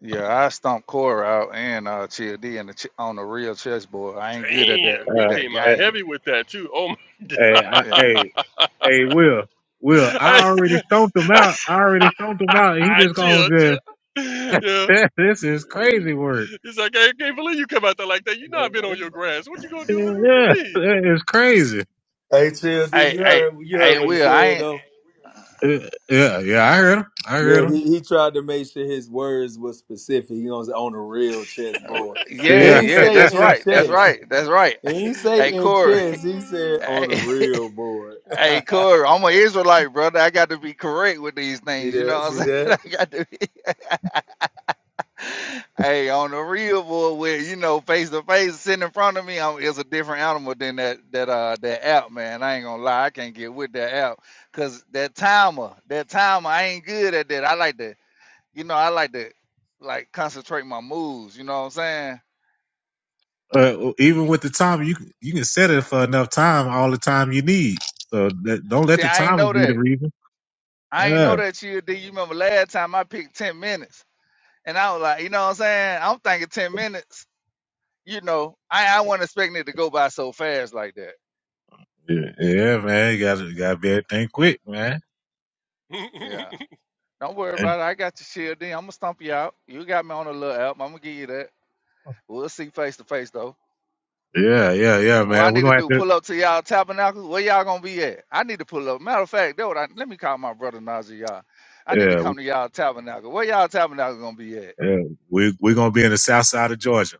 S9: Yeah, I stomp Cora out and uh Chill D in the ch- on the real chessboard. I ain't good at that
S10: Damn, he
S1: Uh,
S9: that
S10: came out
S1: hey,
S9: game.
S10: heavy with that too. Oh my
S1: hey, I-
S9: Yeah.
S1: hey,
S10: god.
S1: hey, Will, Will,
S10: [LAUGHS]
S1: I
S10: I,
S1: already stoned him out. I already stoned him out, and he
S10: I, [LAUGHS]
S1: just gonna
S10: chill,
S1: just.
S10: chill.
S1: [LAUGHS]
S10: Yeah.
S1: this is crazy work.
S10: He's like, I can't believe you come out there like that. You
S1: [LAUGHS]
S10: know I've been on your grass. What you gonna do? What
S1: Yeah,
S10: you
S1: it's crazy.
S4: Hey, Childy,
S9: Hey,
S4: you
S9: hey,
S4: heard you
S9: hey,
S4: heard what he
S9: Will, I
S4: said
S9: ain't
S4: though.
S1: Yeah, yeah, yeah, I heard him. I heard
S4: Yeah, he,
S1: him.
S4: he tried to make sure his words were specific. You know, on a real
S9: uh,
S4: chessboard. He
S9: yeah,
S1: Yeah.
S4: didn't
S9: yeah,
S4: say
S9: that's
S4: in
S9: right. That's
S4: chess.
S9: right. That's right.
S4: He didn't
S9: [LAUGHS]
S4: say
S9: Hey
S10: mean?
S4: in
S9: Corey.
S4: chess. He
S9: [LAUGHS]
S4: said
S10: Uh,
S4: on a
S9: Hey, [LAUGHS]
S4: real board. [LAUGHS]
S9: hey Corey, I'm an Israelite, brother. I got to be correct with these
S4: see
S9: things, you know
S4: that?
S9: what I'm
S4: See that?
S9: saying? [LAUGHS] I got to be [LAUGHS] [LAUGHS] Hey, on the real boy, where you know face to face, sitting in front of me, I'm, it's a different animal than that that uh that app, man. I ain't gonna lie, I can't get with that app, cause that timer, that timer, I ain't good at that. I like to, you know, I like to like concentrate my moves. You know what I'm saying?
S1: Uh, even with the time, you can- you can set it for enough time, all the time you need. So that, don't let
S9: See,
S1: the
S9: I ain't
S1: time
S9: know
S1: be the
S9: that.
S1: reason.
S9: I ain't know
S1: Yeah,
S9: that you did. You remember last time I picked ten minutes, and I was like, you know what I'm saying? I'm thinking ten minutes. You know, I I wasn't expecting it to go by so fast like that.
S1: yeah, yeah, man. You gotta gotta be everything quick, man.
S10: [LAUGHS]
S9: Yeah.
S10: I
S9: Don't worry
S1: And
S9: about it. I got your shield. Then I'm gonna stomp you out. You got me on a little app. I'm gonna give you that. We'll see face to face though.
S1: yeah, yeah, yeah,
S9: What I
S1: man. We're
S9: need to
S1: gonna have
S9: do?
S1: to.
S9: Pull up to y'all tabernacle. Where y'all gonna be at? I need to pull up. Matter of fact, that what I, let me call my brother Najee. Y'all, I need to
S1: Yeah,
S9: come to y'all tabernacle. Where y'all tabernacle gonna be at?
S1: yeah. We we're gonna be in the south side of Georgia.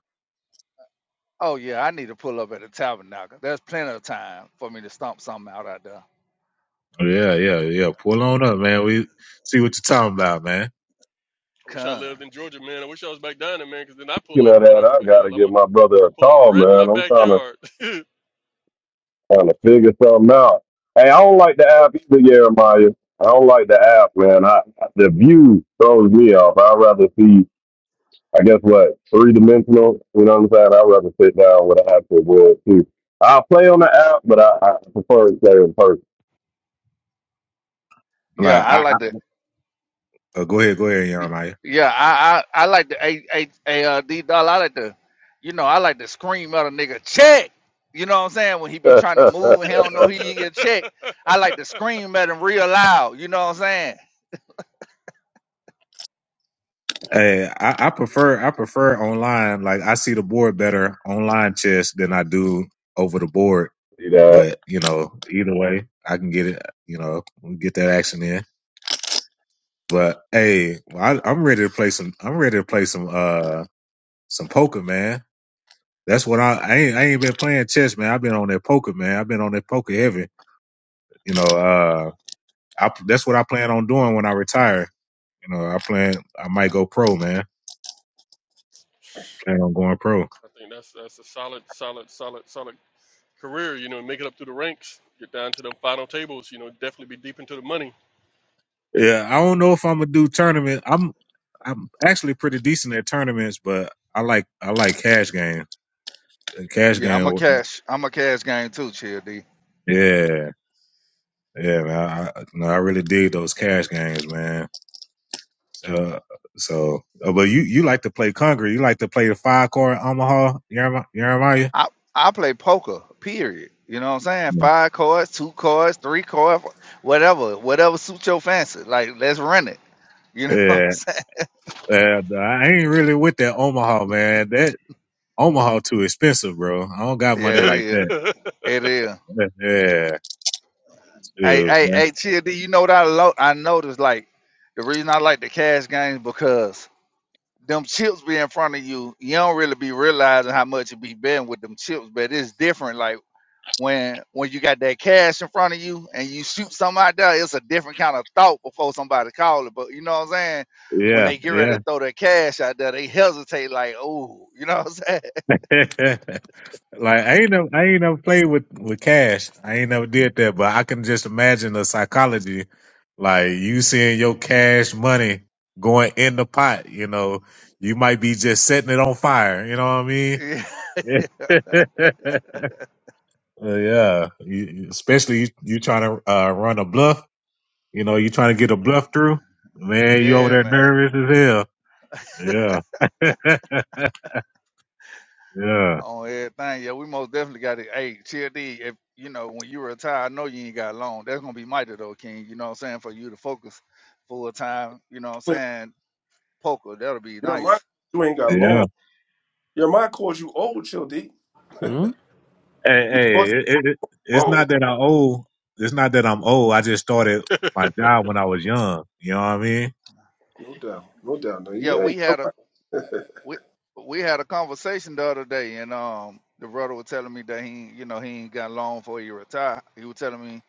S9: Oh yeah, I need to pull up at the tabernacle. There's plenty of time for me to stomp something out out there.
S1: Yeah, yeah, yeah. Pull on up, man. We see what you're talking about, man.
S10: wish I
S9: Come.
S10: lived in Georgia, man. I wish I was back down there, man, because then I
S8: You
S10: pull up
S8: know
S10: or
S8: that
S10: whatever.
S8: I
S10: But
S8: gotta
S10: hell, I'm
S8: give
S10: a,
S8: my
S10: I'm
S8: brother a
S10: gonna pull up
S8: call,
S10: right in my
S8: man. I'm trying to
S10: backyard. [LAUGHS]
S8: trying to figure something out. Hey, I don't like the app either, Jeremiah. I don't like the app, man. I the view throws me off. I'd rather see I guess what three dimensional. You know what I'm saying? I'd rather sit down with an actual wood too. I'll play on the app, but I, I prefer to play in
S9: Yeah,
S1: Like,
S9: I
S1: I, I,
S9: like to.
S1: oh, go ahead, go ahead,
S9: Y-
S1: Jeremiah.
S9: Yeah, I I, I like to a a a uh, D doll. I like to, you know, I like to scream at a nigga check. You know what I'm saying? When he
S8: person.
S9: be trying to move and he don't know
S8: [LAUGHS]
S9: he get a check, I like to scream at him real loud. You know what I'm saying?
S1: Hey, I, I prefer I prefer online. Like I see the board better online chess than I do over the board.
S8: you know,
S1: But you know, either way, I can get it. You know, get that action in. But hey, well, I, I'm ready to play some. I'm ready to play some uh some poker, man. That's what I, I ain't I ain't been playing chess, man. I've been on that poker, man. I've been on that poker heavy. You know, uh, I, that's what I plan on doing when I retire. You know, I plan I might go pro, man. Plan on going pro.
S10: I think that's that's a solid, solid, solid, solid career, you know, and make it up through the ranks, get down to the final tables, you know, definitely be deep into the money.
S1: Yeah, I don't know if I'm gonna do tournament. I'm I'm actually pretty decent at tournaments, but I like I like cash games. And Cash
S9: Yeah, I'm a
S1: game,
S9: cash. I'm a cash game too, Chill D.
S1: yeah, yeah, man. I, I- no, I really dig those cash games, man. Uh, so, uh, but you you like to play Congress? You like to play the five card Omaha Yeremi- Jeremiah?
S9: I I play poker. Period. You know what I'm saying?
S1: Yeah,
S9: Five cards, two cards, three cards, whatever, whatever suits your fancy. Like let's run it. You know [LAUGHS] what I'm
S1: yeah.
S9: saying?
S1: Uh, I ain't really with that Omaha, man. That Omaha too expensive, bro. I don't got money
S10: [LAUGHS]
S9: Yeah, it
S1: like
S9: is.
S1: that.
S9: It is.
S1: [LAUGHS] Yeah, yeah,
S9: Hey,
S1: shoot,
S9: hey,
S1: man.
S9: hey, TLD, you know what I lo- I noticed like the reason I like the cash games because them chips be in front of you, you don't really be realizing how much you be betting with them chips, but it's different. Like when when you got that cash in front of you and you shoot something out there, it's a different kind of thought before somebody call it. But you know what I'm saying? When
S1: yeah.
S9: they get ready to throw their cash out there, they hesitate like, oh, [LAUGHS] you know what I'm
S1: yeah. [LAUGHS] Like I ain't never, I ain't never played with with cash. I ain't never did that, but I can just imagine the psychology, like you seeing your cash money going in the pot. You know, you might be just setting it on fire. You know
S9: saying? [LAUGHS]
S1: what
S9: Yeah,
S1: I mean? [LAUGHS] Uh, yeah, you, you- especially you, you trying to uh, run a bluff. You know, you trying to get a bluff through. Man, you over
S9: yeah,
S1: there
S9: man.
S1: nervous as hell. Yeah, [LAUGHS] yeah,
S9: on everything. Yeah, we most definitely got it. Hey, chill, D. if you know when you retire, I know you ain't got long. That's gonna be mighty though, King. You know what I'm saying? For you to focus full time. You know what I'm
S12: you
S9: saying? Poker, that'll be
S12: my
S9: nice.
S12: you ain't got
S1: yeah.
S12: long. Your mind calls you old, Chill D.
S11: Mm?
S1: Hey,
S12: He
S1: hey
S12: calls
S1: it, it,
S12: you
S1: it's
S12: old.
S1: not that I old. It's not that I'm old. I just started my job when I was young. You know what I mean?
S12: No doubt. No doubt. No,
S9: Yeah,
S12: yeah,
S9: we
S12: you're
S9: had a
S12: right. [LAUGHS]
S9: we we had a conversation the other day, and um, the brother was telling me that he, you know, he ain't got long before he retire. He was telling me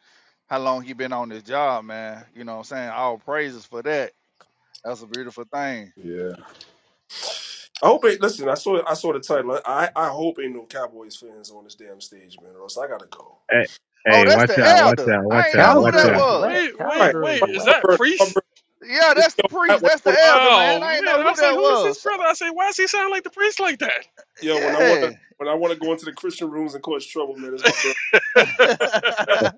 S9: how long he been on this job, man. You know what I'm saying? All praises for that. That's a beautiful thing.
S12: yeah. I hope it listen, I saw I saw the title. I, I hope ain't no Cowboys fans on this damn stage, man, or else I gotta go.
S1: Hey,
S9: Oh,
S1: hey,
S9: that's
S1: watch
S9: the
S1: out, watch
S9: elder.
S1: out,
S9: I
S1: watch
S9: ain't
S1: out,
S9: know who
S1: watch
S9: that
S1: out.
S11: Cowgirls
S9: was.
S11: wet.
S10: wait, wait,
S12: Right.
S11: Cowgirls
S10: wait,
S12: My
S10: is
S11: wet.
S10: that
S12: brother. my
S10: priest?
S12: brother-
S9: Yeah,
S12: this,
S9: that's the
S12: yo, I,
S9: priest.
S12: when I
S9: That's the
S12: wanna
S9: elder,
S10: Oh
S9: man. I ain't
S10: man,
S9: know
S10: I
S9: who
S10: was like,
S9: that
S10: who is
S9: was.
S10: this
S9: So,
S10: brother? I say, why does he sound like the priest like that?
S12: yo, when I wanna
S9: yeah.
S12: when I wanna go into the Christian rooms and cause trouble, man, it's my brother.
S10: [LAUGHS]
S9: [LAUGHS]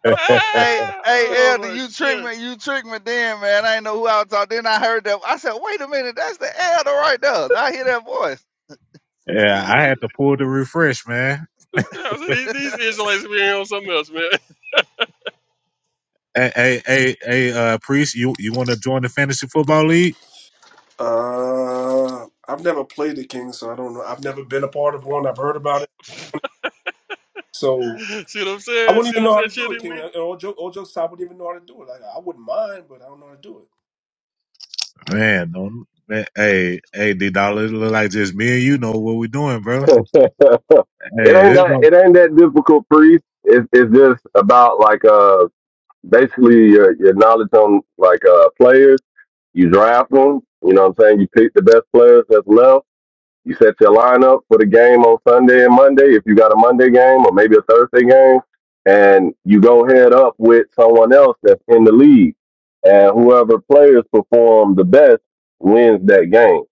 S9: hey,
S10: Ah,
S9: hey,
S10: oh
S9: elder,
S10: my
S9: you tricked
S10: god.
S9: me. You tricked me then, man. I ain't know who I was talking. Then I heard that. I said, wait a minute, that's the elder right there. I hear that voice.
S10: I said,
S1: Yeah,
S10: man,
S1: I
S10: these
S1: had to pull the refresh, man.
S10: yeah, I said, these, these Israelites are being on something else, man.
S1: Hey, hey, hey, hey uh, priest, you you want to join the fantasy football league?
S12: Uh, I've never played the King, so I don't know. I've never been a part of one. I've heard about it. So
S10: [LAUGHS] See what I'm
S12: I
S10: saying? See
S12: wouldn't even
S10: what I'm
S12: know how
S10: saying,
S12: to do
S10: Chitty?
S12: it,
S10: We
S12: King. And all jokes, all jokes, aside, I wouldn't even know how to do it. Like I wouldn't mind, but I don't know how to do it.
S1: Man, don't. Man, hey, hey, D Dollar, it look like just me and you know what we're doing, bro.
S8: [LAUGHS] it
S1: Hey,
S8: ain't
S1: this
S8: that
S1: one.
S8: it ain't that difficult, priest. It's it's just about like uh basically your your knowledge on like uh players. You draft them. You know what I'm saying? You pick the best players that's left You set your lineup for the game on Sunday and Monday, if you got a Monday game or maybe a Thursday game, and you go head up with someone else that's in the league. And whoever players perform the best wins that game.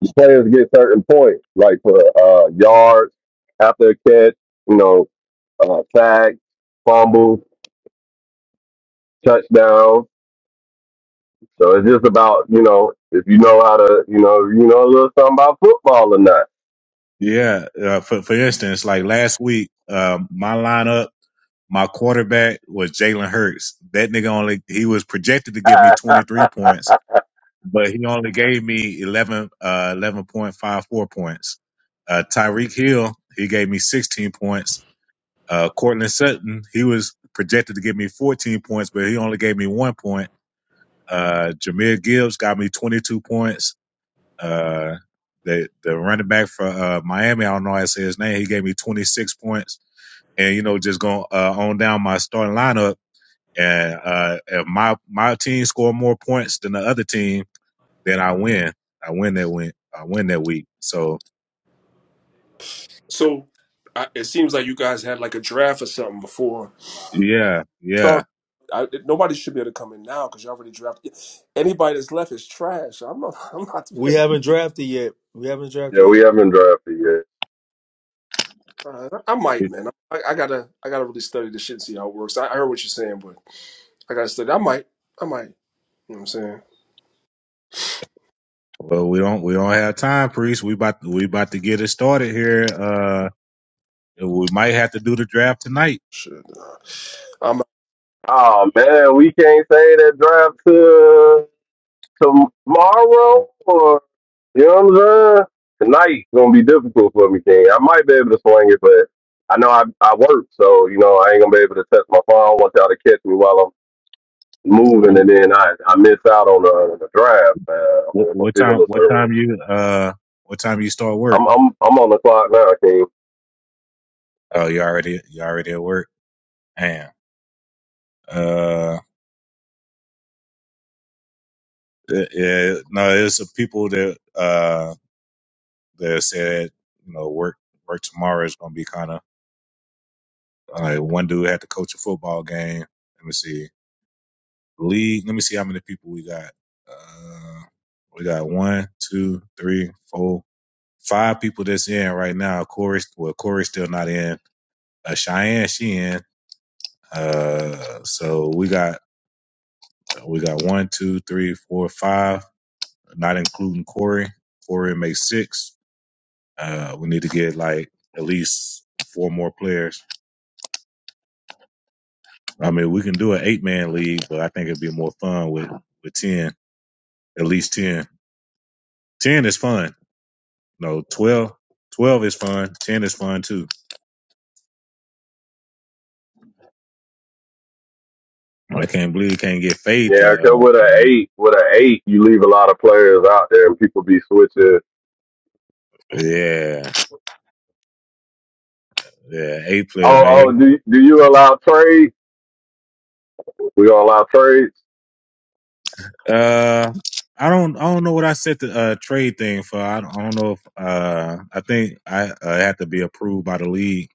S8: The players get certain points, like for uh, yards, after a catch, you know, uh, sack, fumble, touchdown. So it's just about, you know, if you know how to, you know, you know a little something about football or not.
S1: Yeah, uh, for for instance, like last week, um, my lineup. My quarterback was Jalen Hurts. That nigga only he was projected to give me 23
S8: [LAUGHS]
S1: points, but he only gave me 11 uh 11.54 points. Uh Tyreek Hill, he gave me 16 points. Uh Cortland Sutton, he was projected to give me 14 points, but he only gave me 1 point. Uh Jameer Gibbs got me 22 points. Uh the the running back for uh Miami, I don't know how to say his name, he gave me 26 points. And you know, just going uh, on down my starting lineup and uh, if my my team score more points than the other team, then I win. I win that win. I win that week. So
S12: So I, it seems like you guys had like a draft or something before
S1: yeah,
S12: start.
S1: yeah.
S12: I, it- nobody should be able to come in now because you already drafted. Anybody that's left is trash. I'm not. [LAUGHS] I'm not.
S4: We haven't drafted yet. We haven't drafted
S8: yeah, we
S4: yet. Bro.
S8: haven't drafted yet.
S12: Uh, I might, man. I, I gotta. I gotta really study this shit and see how it works. I, I heard what you're saying, but I gotta study. I might. I might. You know what I'm saying?
S1: Well, we don't we don't have time, priest. We about we about to get it started here. Uh, we might have to do the draft tonight.
S12: Shit. nah.
S8: Oh man, we can't say that draft to tomorrow or you know what I'm saying? Tonight's gonna be difficult for me, King. I might be able to swing it, but I know I I work, so you know I ain't gonna be able to touch my phone. I don't want y'all to catch me while I'm moving, and
S1: What,
S8: then I I miss out on the, the draft. Man. I'm gonna
S1: what time?
S8: feel a
S1: What
S8: certain way.
S1: time you uh? What time you start work?
S8: I'm I'm I'm on the clock now, King.
S1: Oh, you already you already at work. Damn. Uh, yeah. yeah, No, it's the people that uh that said you know work work tomorrow is gonna be kind of All right, one dude had to coach a football game. Let me see. League. Let me see how many people we got. Uh, we got one, two, three, four, five people that's in right now. Corey, well, Corey's still not in. Uh, Cheyenne, she in. Uh, so we got we got one, two, three, four, five, not including Corey. Corey makes six. Uh, we need to get like at least four more players. I mean, we can do an eight man league, but I think it'd be more fun with with ten. at least 10. 10 is fun. No, 12. 12 is fun. 10 is fun too. I can't believe you can't get faith.
S8: Yeah,
S1: To,
S8: 'cause with an eight, with an eight, you leave a lot of players out there, and people be switching.
S1: Uh, yeah, yeah, A player,
S8: Oh,
S1: man.
S8: oh, do do you allow trades? We all out trades.
S1: Yeah, Uh, I don't, I don't know what I set the uh, trade thing for. I don't, I don't know if, uh, I think I uh, have to be approved by the league.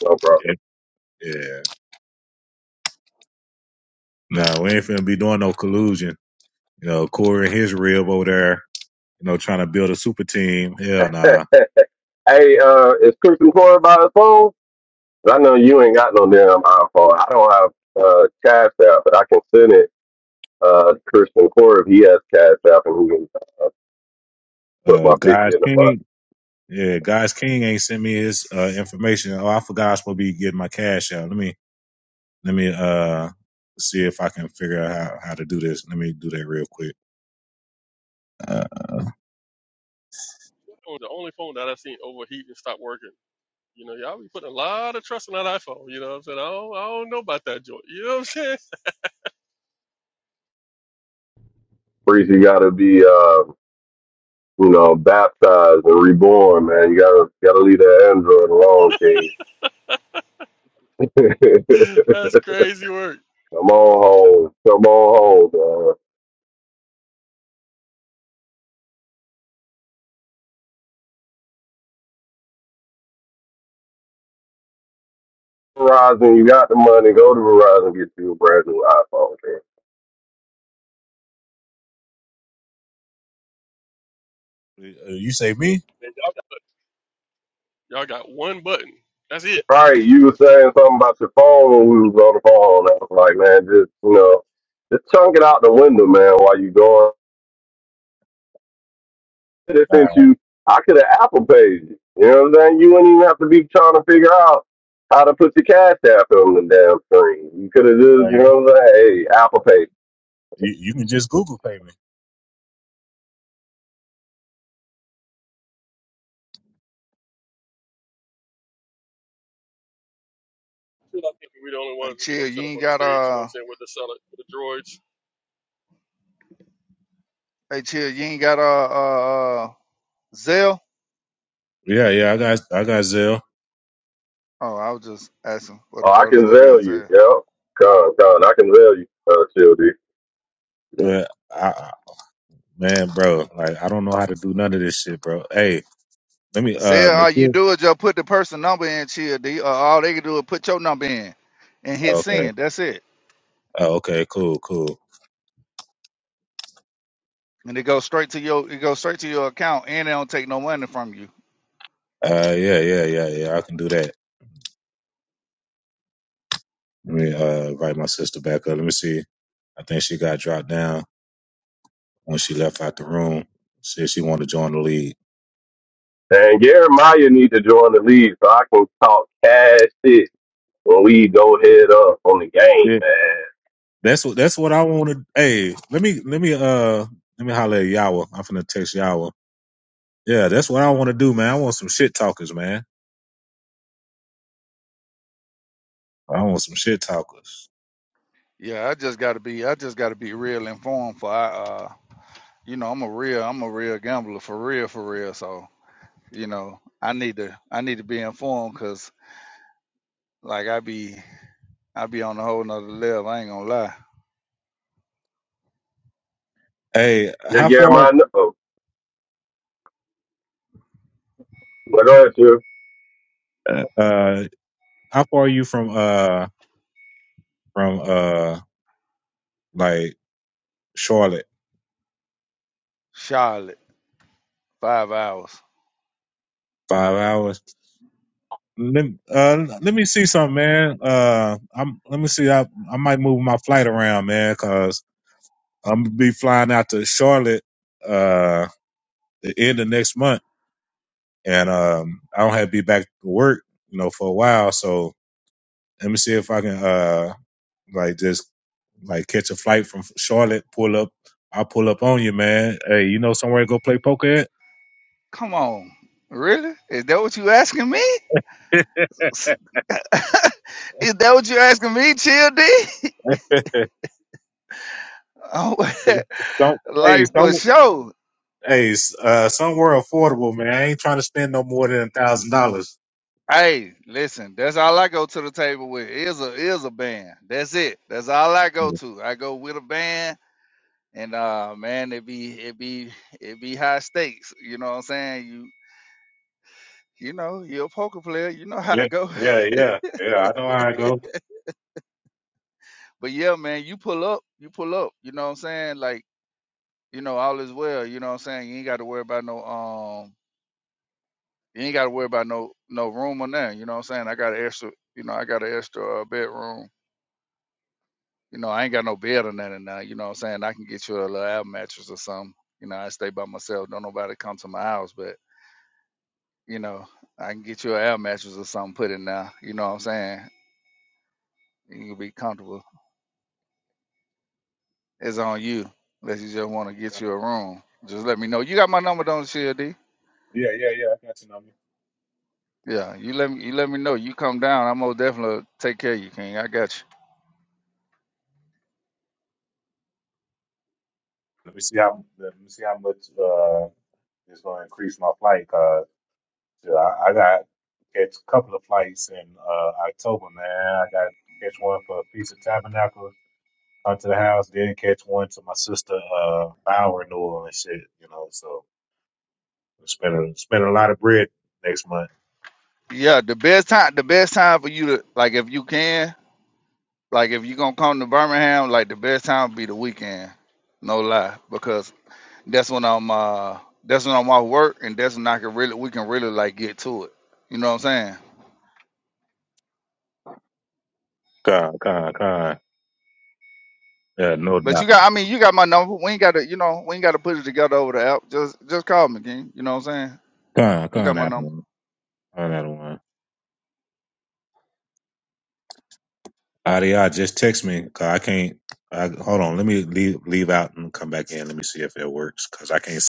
S8: No, bro.
S1: Yeah, yeah. no, we ain't finna be doing no collusion. You know, Corey and his rib over there, you know, trying to build a super team. Hell
S8: [LAUGHS]
S1: nah.
S8: hey, uh, is Christian Corey by his phone? 'Cause I know you ain't got no damn iPhone. I don't have uh, Cash App, but I can send it uh, to Christian Corey if he has Cash App and he can uh, put
S1: Uh,
S8: my 50
S1: guys,
S8: in the front.
S1: King. Yeah, God's King ain't sent me his uh, information. Oh, I forgot I was supposed to be getting my cash out. Let me let me uh see if I can figure out how, how to do this. Let me do that real quick. Uh, uh,
S10: oh, the only phone that i seen overheat and stop working. You know, y'all be putting a lot of trust in that iPhone. You know what I'm saying? I don't, I don't know about that joint. You know what I'm saying?
S8: Breezy got to be, uh, you know, baptized and reborn, man. You got to gotta leave that Android alone, King. [LAUGHS]
S10: [LAUGHS] That's crazy work.
S8: Come on home. Come on home, dog. Verizon, you got the money. Go to Verizon and get you a brand new iPhone, King.
S1: you say me?
S10: Man, Y'all got, y'all got one button. That's it.
S8: Right, you were saying something about your phone when we was on the phone. I was like, man, just you know, just chunk it out the window, man. While you going, They
S1: Uh,
S8: sent you, I could have Apple paid you. You know what I'm saying? You wouldn't even have to be trying to figure out how to put your cash app on the damn screen. You could have
S1: uh,
S8: just, you know what I'm saying? Hey, Apple Pay.
S1: you, you can just Google pay me.
S10: Still, I think we're the only
S9: Hey,
S10: ones, that, you know,
S9: chill.
S10: what I'm
S9: You
S10: saying, up
S9: ain't
S10: on the
S9: got
S10: stage, you know
S9: uh.
S10: what I'm saying, with the solid, with the droids.
S9: Hey, chill. You ain't got uh uh, uh Zell.
S1: Yeah, yeah, I got I got Zelle.
S9: Oh, I was just asking for the
S8: Oh, I
S9: brothers
S8: can
S9: that
S8: sell
S9: got
S8: you.
S9: Zell.
S8: Yo, come, come, I can sell you, uh, Shildy.
S1: Uh, I, man, bro, like I don't know how to do none of this shit, bro. Hey, let me uh
S9: Zell, all you
S1: Nikhil.
S9: do is just put the person number in, chill. D. Uh, all they can do is put your number in and hit
S1: Okay.
S9: send. That's it.
S1: Oh, okay. Cool. Cool.
S9: and it goes straight to your it goes straight to your account and they don't take no money from you
S1: Uh, yeah, yeah, yeah, yeah. I can do that. Let me uh invite my sister back up. Let me see. I think she got dropped down when she left out the room. Said she wanted to join the league.
S8: And Jeremiah need to join the league so I can talk cash shit when we go head up on the game,
S1: Yeah.
S8: man.
S1: That's what that's what I wanted. Hey, let me let me uh let me holler at Yawa. I'm finna text Yawa. Yeah, that's what I want to do, man. I want some shit talkers, man. I want some shit talkers.
S9: yeah i just gotta be i just gotta be real informed for i uh you know i'm a real i'm a real gambler for real for real so you know i need to i need to be informed because like i be i be on a whole nother level i ain't gonna lie
S1: Hey,
S8: Yeah,
S1: how far
S8: Jeremiah, no. Like I said,
S1: uh uh, how far are you from uh from uh like Charlotte?
S9: charlotte five hours
S1: Five hours. Let, uh, let me see something, man. Uh, I'm let me see. I I might move my flight around, man, 'cause I'm gonna be flying out to Charlotte uh the end of next month, and um I don't have to be back to work, you know, for a while. So let me see if I can uh like just like catch a flight from Charlotte, pull up. I'll pull up on you, man. Hey, you know somewhere to go play poker at?
S9: come on really is that what you asking me is that what you asking me chill d [LAUGHS] oh,
S1: Don't
S9: [LAUGHS]
S1: hey,
S9: life for
S1: some
S9: sure
S1: hey, uh, somewhere affordable, man. I ain't trying to spend no more than a thousand dollars.
S9: Hey, listen, that's all I go to the table with is a is a band. That's it. That's all I go to. I go with a band and uh man, it be it be it be high stakes. You know what I'm saying? You you know, you're a poker player, you know [LAUGHS] how
S1: Yeah,
S9: it go.
S1: yeah, yeah, yeah. I know how I go.
S9: [LAUGHS] but yeah, man, you pull up, you pull up, you know what I'm saying? Like, you know, all is well, you know what I'm saying? You ain't gotta worry about no um you ain't gotta worry about no no room or nothing, you know what I'm saying? I got an extra you know, I got an extra uh, bedroom You know, I ain't got no bed or nothing now. You know what I'm saying? I can get you a little air mattress or something. You know, I stay by myself. Don't nobody come to my house, but you know, I can get you an air mattress or something put in there. You know what I'm saying? You can be comfortable. It's on you. Unless you just want to get you a room. Just let me know. You got my number, don't you, D?
S1: Yeah, yeah, yeah. I got your number.
S9: Yeah, you let me you let me know. You come down, I'm most definitely take care of you, King. I got
S1: Let me see how let me see how much uh it's gonna increase my flight. Cause shit, I, I got catch a couple of flights in uh October, man. I got catch one for Feast of Tabernacles onto the house, then catch one to my sister uh Bower renewal and shit. You know, so we're spending spending a lot of bread next month.
S9: you. Yeah, the best time the best time for you to like if you can, Like if you gonna come to Birmingham, like the best time be the weekend. No lie. Because that's when I'm uh that's when I'm off work and that's when I can really we can really like get to it. You know what I'm saying?
S1: Con con con. Yeah, no
S9: But you
S1: doubt.
S9: got I mean you got my number. We ain't gotta you know, we ain't gotta put it together over the app. Just just call me, King. You know what I'm saying?
S1: Con
S9: You
S1: con
S9: got my
S1: that
S9: number.
S1: one. Con that one. Adi, just text me 'cause I can't. I, hold on, let me leave leave out and come back in. Let me see if it works because I can't. s-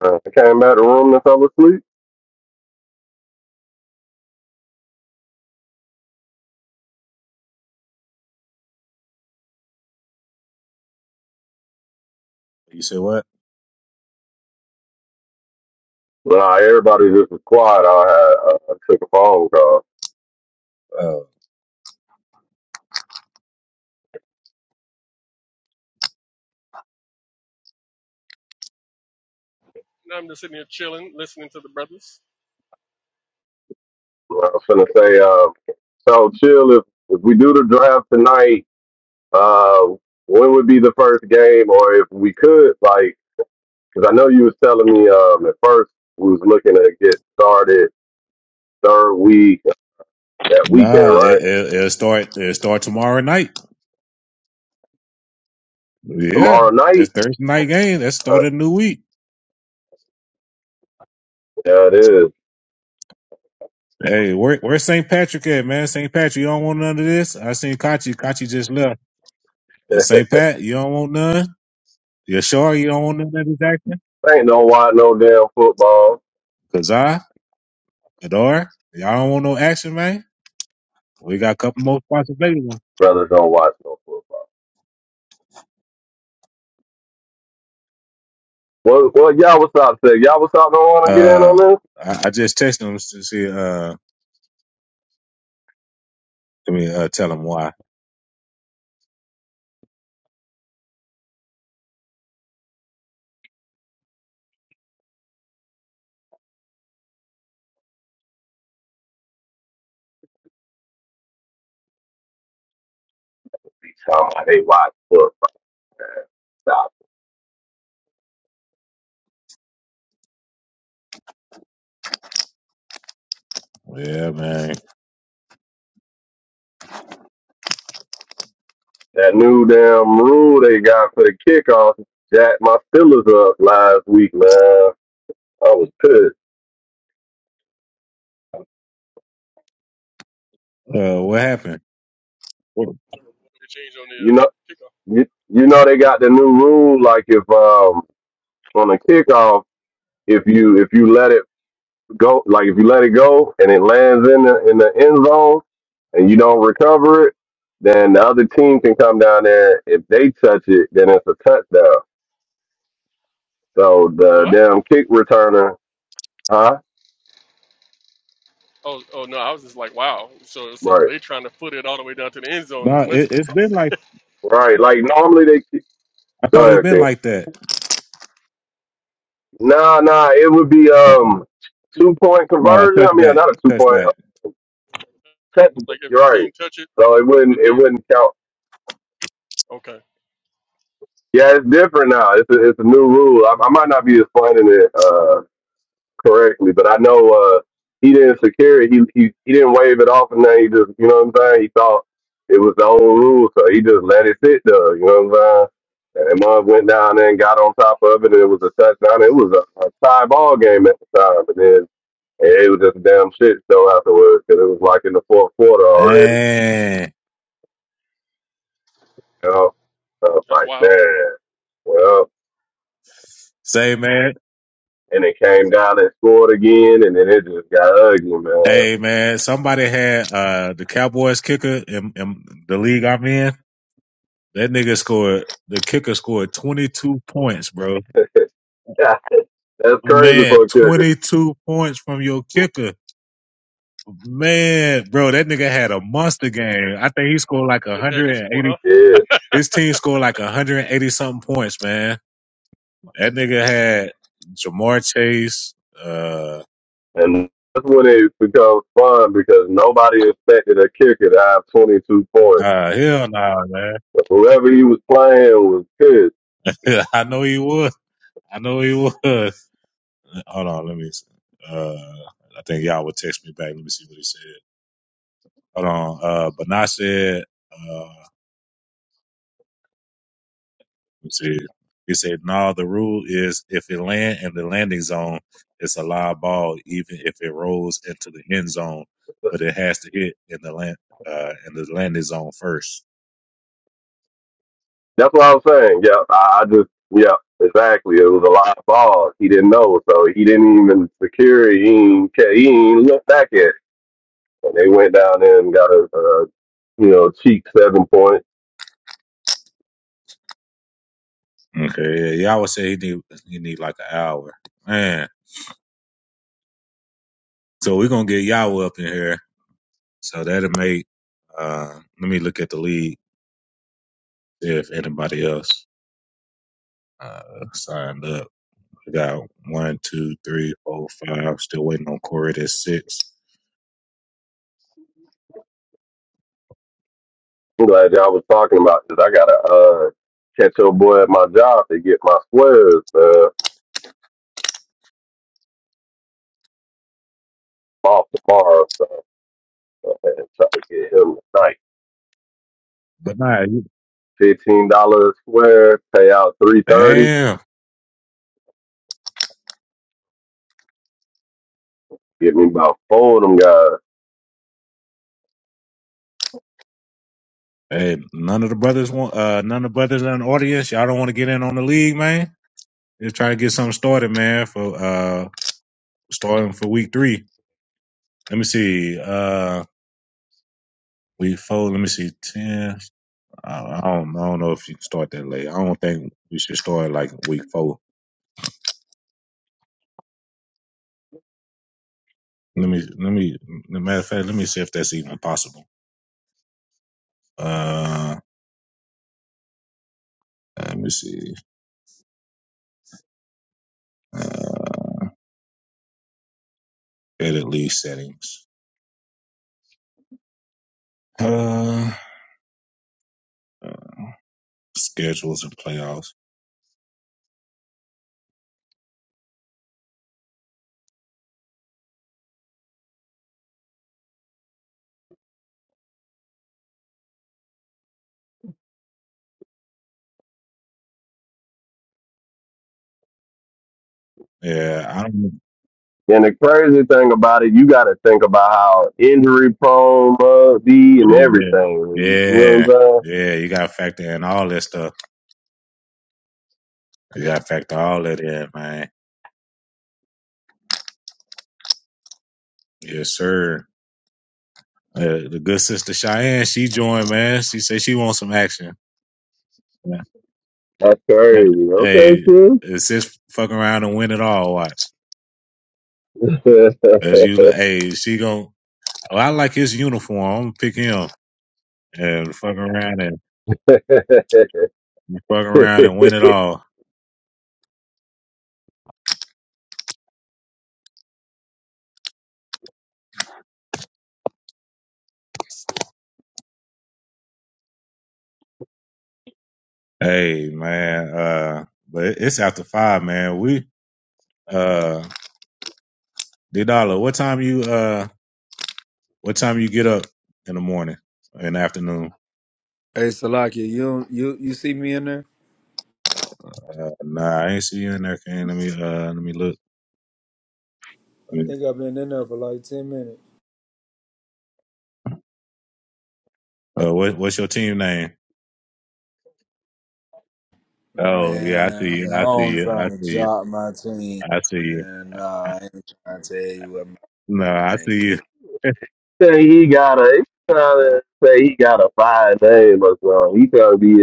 S8: uh, I came out the room and fell asleep.
S1: You said what?
S8: Nah, everybody just was quiet. I had uh, I took a phone call.
S1: Oh,
S10: And I'm just sitting here chilling, listening to the brothers.
S8: Well, I was gonna say, uh, so chill. If if we do the draft tonight, uh, when would be the first game, or if we could, like, because I know you was telling me um, at first we was looking to get started third week that weekend,
S1: nah, it,
S8: right?
S1: it, it'll start. It'll start tomorrow night. Yeah,
S8: Tomorrow
S1: it's
S8: night.
S1: Thursday night game. That's start
S8: Uh,
S1: of the new week.
S8: yeah, it is.
S1: Hey, where where's St. Patrick at, man? St. Patrick, you don't want none of this. I seen Kachi. Kachi just left. Uh,
S8: [LAUGHS]
S1: St. Pat, you don't want none. You sure you don't want none of this action?
S8: Ain't no watch no damn football.
S1: Cause I, Adora, y'all don't want no action, man. We got a couple more spots available.
S8: Brothers don't watch no football. What what y'all what's up say? Y'all what's up don't wanna get in
S1: Uh,
S8: on this?
S1: I, I just texted him to see. Uh, I mean, uh, tell him why.
S8: Be talking about they watch foot
S1: Yeah, man.
S8: That new damn rule they got for the kickoff jacked my Steelers up last week, man. I was pissed.
S1: Uh, what happened? Well,
S10: I don't know what They changed on the
S8: You
S10: uh,
S8: know
S10: kickoff.
S8: you, you know they got the new rule like if um on the kickoff, if you if you let it go like if you let it go and it lands in the in the end zone and you don't recover it, then the other team can come down there. If they touch it, then it's a touchdown. So the
S10: What?
S8: damn kick returner, huh?
S10: Oh, oh no! I was just like, wow. So, so
S8: Right,
S10: they trying to foot it all the way down to the end zone
S1: no,
S10: as much,
S1: it,
S10: [LAUGHS]
S1: it's
S10: like,
S1: been like
S8: right. Like normally they kick.
S1: I
S8: Go
S1: thought. It's
S8: ahead,
S1: been
S8: King.
S1: like that.
S8: Nah, nah. It would be
S1: Uh,
S8: um two point
S1: No,
S8: conversion. I mean,
S1: touchback,
S8: not a two point.
S1: touchback.
S8: uh, Technical.
S10: like if
S8: You're
S10: the
S8: right.
S10: team touch it,
S8: So it wouldn't
S10: and
S8: it wouldn't
S10: then
S8: count.
S10: okay,
S8: Yeah, it's different now. It's a, it's a new rule. I, I might not be explaining it Uh, correctly, but I know uh, he didn't secure it. He, he he didn't wave it off, and then he just you know what I'm saying. He thought it was the old rule, so he just let it sit there. You know what I'm saying? And Mud went down there and got on top of it, and it was a touchdown. It was a, a tie ball game at the time, and then it was just a damn shit show afterwards because it was like in the fourth quarter already.
S1: Man,
S8: You know, so I was
S10: that's
S8: like
S10: wild.
S8: man, well,
S1: say man,
S8: and it came down and scored again, and then it just got ugly, man.
S1: hey man, somebody had uh the Cowboys kicker in, in the league I'm in. That nigga scored. The kicker scored 22 points, bro.
S8: [LAUGHS] that's crazy
S1: Man,
S8: for a kicker.
S1: 22 points from your kicker. Man, bro, that nigga had a monster game. I think he scored like
S10: It had your support,
S1: 180.
S10: huh?
S8: Yeah.
S1: His team scored like 180 something points, man. That nigga had Jamar Chase. Uh,
S8: And that's when it becomes fun because nobody expected a kicker to have 22 points.
S1: uh hell nah, man.
S8: Whoever he was playing was pissed.
S1: [LAUGHS] I know he would. I know he would. [LAUGHS] Hold on, let me. Uh, I think y'all would text me back. Let me see what he said. Hold on. Uh, Bernard said. Uh, It said, it said, no, the rule is if it land in the landing zone, it's a live ball, even if it rolls into the end zone, but it has to hit in the land, uh, in the landing zone first.
S8: That's what I was saying. Yeah, I I just, yeah, exactly. It was a live ball. He didn't know, so he didn't even secure it. He ain't, ca- he ain't look back at it. And they went down there and got a, uh, you know, cheap seven point.
S1: Okay. Yeah. Yahweh said he need, he need like an hour. Man. So we're going to get Yahweh up in here. So that'll make, uh, let me look at the lead, see if anybody else, uh, signed up. We got one, two, three, four, five. Still waiting on Corey at six.
S8: I'm glad y'all was talking about this. I got to uh, catch your boy at my job to get my squares uh, off tomorrow. So and try to get him like
S1: But nah, you-
S8: fifteen dollars a square, pay out three thirty,
S1: damn.
S8: get me about four of them guys.
S1: Hey, none of the brothers want uh none of the brothers in the audience. Y'all don't want to get in on the league, man. Just try to get something started, man, for uh starting for week three. Let me see. Uh week four, let me see, ten. I, I don't I don't know if you can start that late. I don't think we should start like week four. Let me let me matter of fact, let me see if that's even possible. Uh let me see. Uh Edit league settings. Uh uh, schedules and playoffs. Yeah, I don't.
S8: And the crazy thing about it, you got to think about how injury prone mug be and
S1: Yeah,
S8: everything. You know
S1: yeah,
S8: what
S1: yeah. You gotta factor in all that stuff. You gotta factor all of that, man. Yes, sir. Uh, the good sister Cheyenne, she joined, man. She said she wants some action. Yeah.
S8: I'm
S1: yeah.
S8: saying? That's crazy.
S1: Hey, is sis fuck around and win it all? Watch.
S8: Okay,
S1: As
S8: sis.
S1: you, li- hey, she gon' Oh, I like his uniform. I'm gonna pick him and fuck around and fuck around and win it
S8: [LAUGHS]
S1: all. Hey, man. Uh, but it- it's after five, man. We uh, D Dollar, what time you uh? What time you get up in the morning, in the afternoon?
S4: Hey, Salaki, you don't- you you see me in there?
S1: Uh, nah, I ain't see you in there, Kane. Let me uh, let me look.
S4: I think I've been in there for like ten minutes.
S1: Uh, what what's your team name? Oh yeah, I
S4: Man,
S1: see you. I see
S4: I'm
S1: you.
S4: trying
S1: I
S4: to
S1: see you.
S4: drop my team.
S1: I see you.
S4: And
S1: I,
S4: nah, I ain't trying to tell you what my
S1: no,
S4: team
S1: I
S4: name
S1: see you.
S4: is.
S8: say he got a he trying to say [LAUGHS] he got a fine name or something. [LAUGHS] He trying to be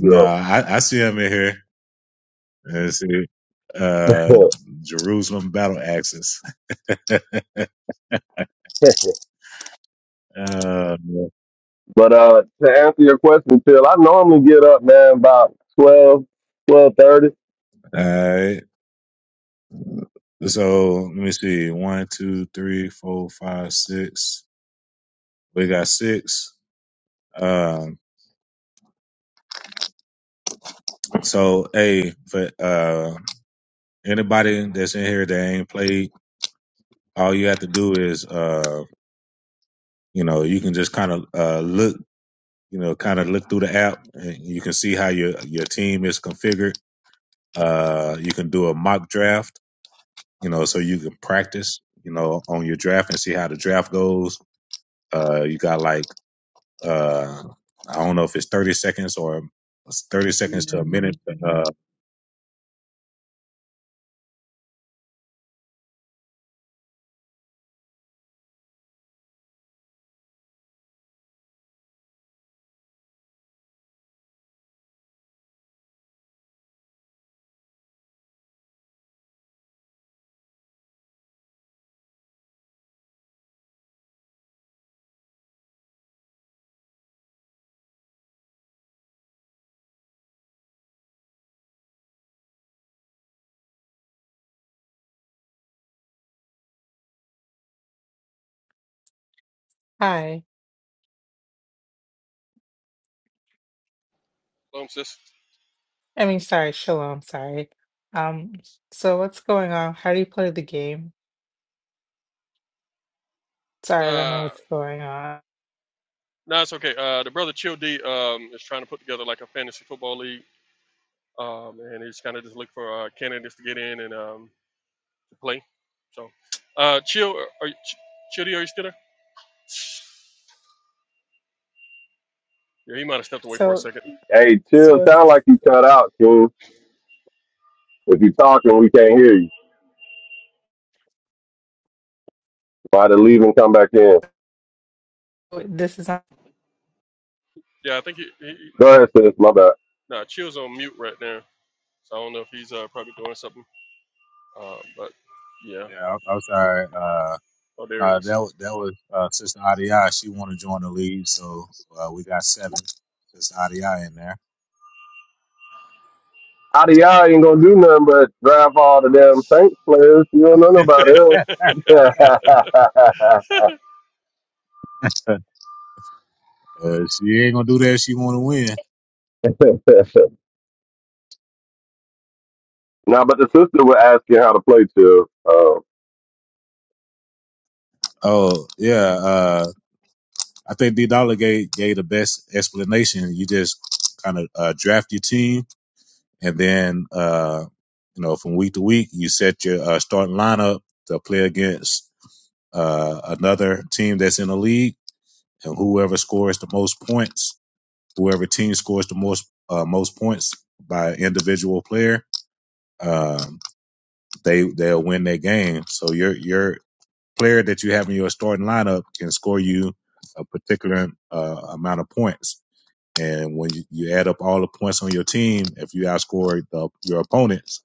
S1: No, I, I see him in here. I see uh, Jerusalem battle Axis.
S8: [LAUGHS]
S1: Uh, all
S8: But uh, to answer your question, chill. I normally get up, man, about twelve, twelve thirty.
S1: right. So let me see. One, two, three, four, five, six. We got six. Um, so hey, for uh anybody that's in here that ain't played, all you have to do is, uh, you know, you can just kind of uh, look, you know, kind of look through the app, and you can see how your your team is configured. Uh, you can do a mock draft, you know, so you can practice, you know, on your draft and see how the draft goes. Uh, you got like, uh, I don't know if it's thirty seconds or thirty seconds to a minute. But, uh,
S13: Hi.
S10: Um, sis.
S13: I mean, sorry, Shalom, sorry. Um, so what's going on? How do you play the game? Sorry, I don't know
S10: Uh,
S13: what's going on.
S10: no, it's okay. Uh, the brother Chill D um is trying to put together like a fantasy football league um, and they just kind of just look for uh, candidates to get in and um, to play. So, uh, chill, are you, Ch- Chidi, are you still there? Yeah, he might have stepped away for a
S13: So,
S10: second.
S8: Hey, chill.
S13: so
S8: Sound
S13: it's,
S8: like you cut out, King. If you talking, we can't hear you. So I had to leave and come back in.
S13: this is not.
S10: Yeah, I think he, he, he
S8: Go ahead, sis. My bad.
S10: nah, chill's on mute right now, so I don't know if he's uh, probably doing something. Uh, but yeah,
S1: yeah, I'm i uh.
S10: oh there he
S1: Uh, that was that was uh, Sister Adia. She want to join the lead, so uh, we got seven. Sister Adia in there.
S8: IDI ain't going to do nothing but drive all the damn Saints players. You don't know nobody else.
S10: is. [LAUGHS]
S1: [LAUGHS] uh, she ain't gonna do that. if She want to win.
S8: [LAUGHS] Now, but the sister was asking how to play chill. uh,
S1: Oh yeah. Uh, I think D Dollar gave gave the best explanation. You just kind of uh, draft your team, and then uh, you know from week to week you set your uh, starting lineup to play against uh, another team that's in the league, and whoever scores the most points whoever team scores the most uh, most points by individual player, um, they they'll win their game. So your your player that you have in your starting lineup can score you a particular uh, amount of points. And when you, you add up all the points on your team, if you outscore the, your opponent's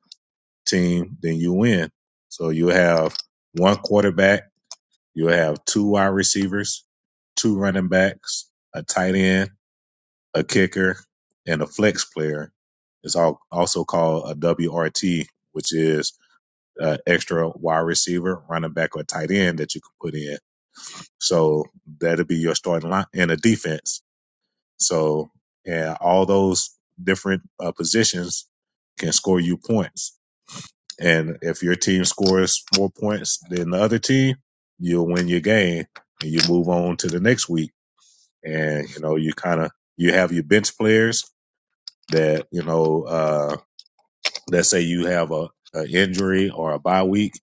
S1: team, then you win. So you'll have one quarterback, you'll have two wide receivers, two running backs, a tight end, a kicker, and a flex player. It's all, also called a WRT, which is uh, extra wide receiver, running back, or tight end that you can put in. So that'll be your starting line and a defense. So and all those different uh, positions can score you points. And if your team scores more points than the other team, you'll win your game and you move on to the next week. And you know you kind of you have your bench players that you know uh let's say you have a, a injury or a bye week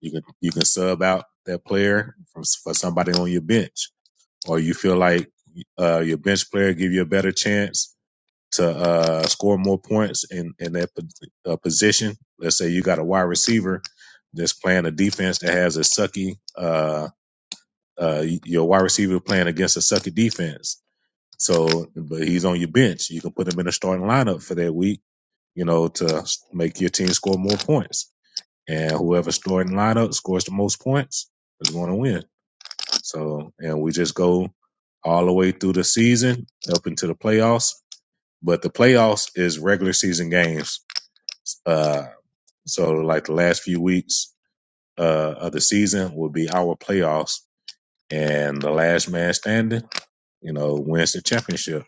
S1: you can you can sub out that player for, for somebody on your bench or you feel like uh your bench player give you a better chance to uh score more points in in that po- uh, position let's say you got a wide receiver that's playing a defense that has a sucky uh uh your wide receiver playing against a sucky defense so but he's on your bench you can put him in a starting lineup for that week you know, to make your team score more points. And whoever starting lineup scores the most points is going to win. So, and we just go all the way through the season up into the playoffs. But the playoffs is regular season games. Uh, so, like the last few weeks uh, of the season will be our playoffs, and the last man standing, you know, wins the championship.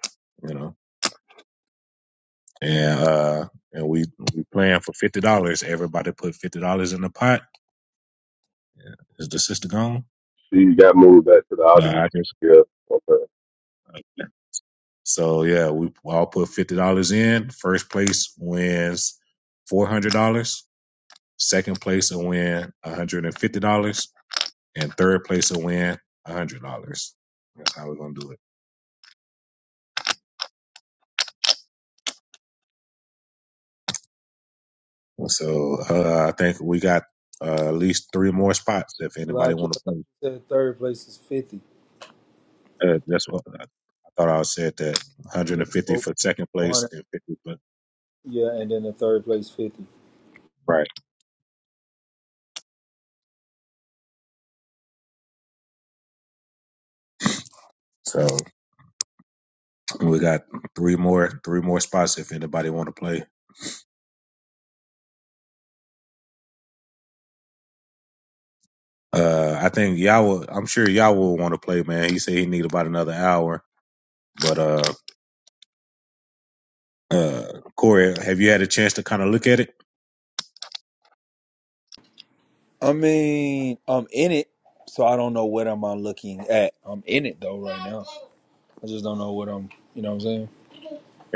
S1: You know, and uh, and we we playing for fifty dollars. Everybody put fifty dollars in the pot Is the sister gone?
S8: she got moved back to the
S1: Uh,
S8: audience.
S1: I just
S8: Yeah. okay.
S1: so yeah, we all put fifty dollars in. First place wins four hundred dollars. Second place will win one hundred and fifty dollars, and third place will win one hundred dollars. That's how we're gonna do it. So uh, I think we got uh, at least three more spots if anybody
S4: Salaki,
S1: want
S4: I
S1: to
S4: thought
S1: play.
S4: you said third place is fifty.
S1: Uh, that's what I thought I said that one hundred
S4: Yeah,
S1: and fifty
S4: four
S1: for second place
S4: hundred.
S1: and fifty for
S4: Yeah, and then the third place fifty.
S1: right. So. We got three more three more spots if anybody want to play. Uh, I think y'all will. I'm sure y'all will want to play, man. He said he need about another hour. But uh, uh, Corey, have you had a chance to kind of look at it?
S4: I mean, I'm in it, so I don't know what am I looking at. I'm in it though right now. I just don't know what I'm. You know what I'm saying?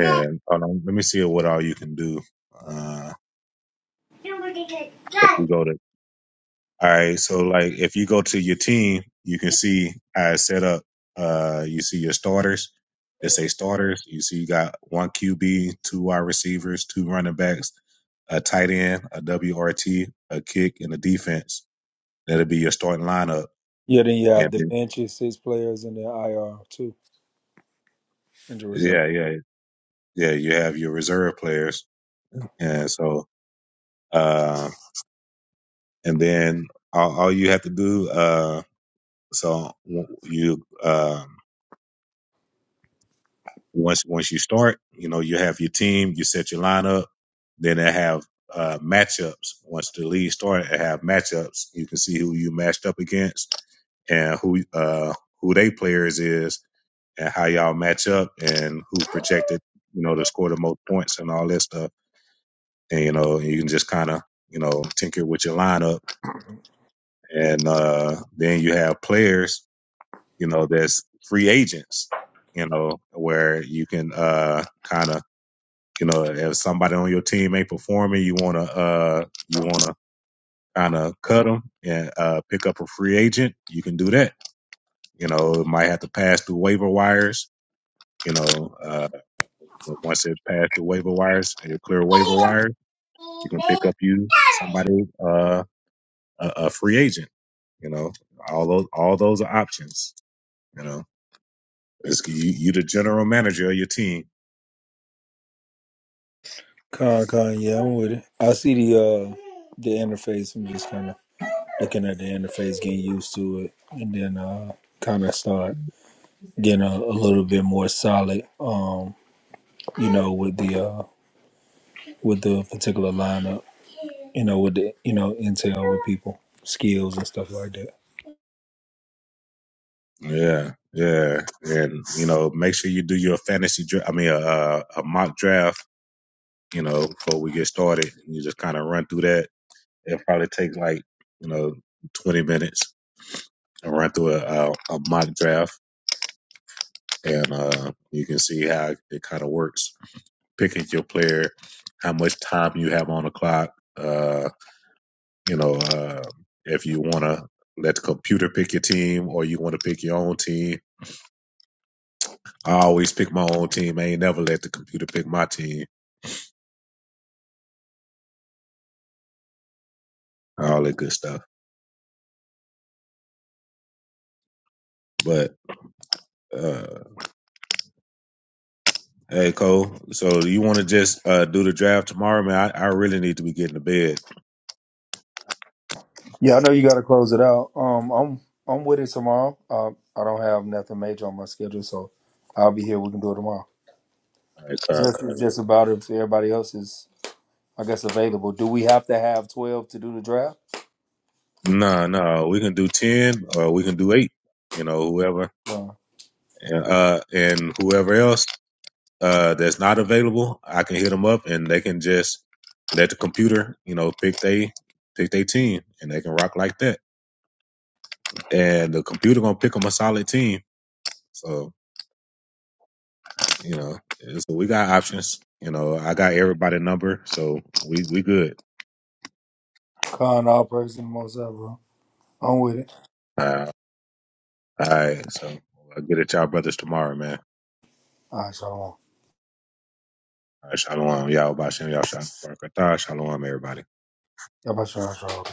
S4: Yeah.
S1: hold on, let me see what all you can do. Uh, if we go to All right. So like if you go to your team, you can see how it's set up. Uh you see your starters. They say starters. You see you got one QB, two wide receivers, two running backs, a tight end, a WRT, a kick, and a defense. That'll be your starting lineup.
S4: Then you
S1: And
S4: have the
S1: then,
S4: benches, six players, and the IR too, and the reserve.
S1: yeah, yeah, yeah. You have your reserve players. And so uh and then all, all you have to do uh so you um Once once you start, you know, you have your team, you set your lineup, then they have uh, matchups. Once the league started, they have matchups. You can see who you matched up against and who uh, who they players is and how y'all match up and who projected, you know, to score the most points and all that stuff. And you know, you can just kind of you know tinker with your lineup, and uh, then you have players, you know, that's free agents, you know, where you can uh, kind of You know, if somebody on your team ain't performing, you wanna uh you wanna kind of cut them and uh pick up a free agent. You can do that. You know, it might have to pass through waiver wires. You know, uh, but once it's passed through waiver wires, and you clear waiver wires, You can pick up you somebody uh a, a free agent. You know, all those all those are options. You know, it's, you you the general manager of your team
S4: Con con. Yeah, I'm with it. I see the uh the interface. I'm just kind of looking at the interface, getting used to it, and then uh kind of start. getting a, a little bit more solid. Um, you know, with the uh, with the particular lineup, you know, with the you know intel with people, skills and stuff like that.
S1: Yeah, yeah, and you know, make sure you do your fantasy. Dra- I mean, a uh, a mock draft. You know, before we get started, you just kind of run through that. It probably takes like you know twenty minutes to run through a, a, a mock draft, and uh, you can see how it kind of works. Picking your player, how much time you have on the clock. Uh, you know, uh, if you want to let the computer pick your team, or you want to pick your own team I always pick my own team. I ain't never let the computer pick my team. All that good stuff. But uh, hey, Cole. So you want to just uh, do the draft tomorrow, man? I, I really need to be getting to bed.
S4: Yeah, I know you got to close it out. Um, I'm I'm with it tomorrow. Um, I don't have nothing major on my schedule, so I'll be here. We can do it tomorrow.
S1: All right, Kyle,
S4: Just it's
S1: Kyle.
S4: just about if everybody else is, I guess, available. Do we have to have twelve to do the draft?
S1: No, no, we can do ten, or we can do eight. You know, whoever
S4: No.
S1: and uh, and whoever else uh, that's not available, I can hit them up and they can just let the computer, you know, pick they pick their team and they can rock like that. And the computer gonna pick them a solid team. So you know, so we got options. You know, I got everybody number, so we we good.
S4: Con all person most ever. I'm with it.
S1: Uh, all right, so I'll get at y'all brothers tomorrow, man.
S4: All right, shalom.
S1: All right, shalom, y'all, Bashem, y'all, shalom, Barakatah, shalom, everybody.
S4: Y'all about to shalom.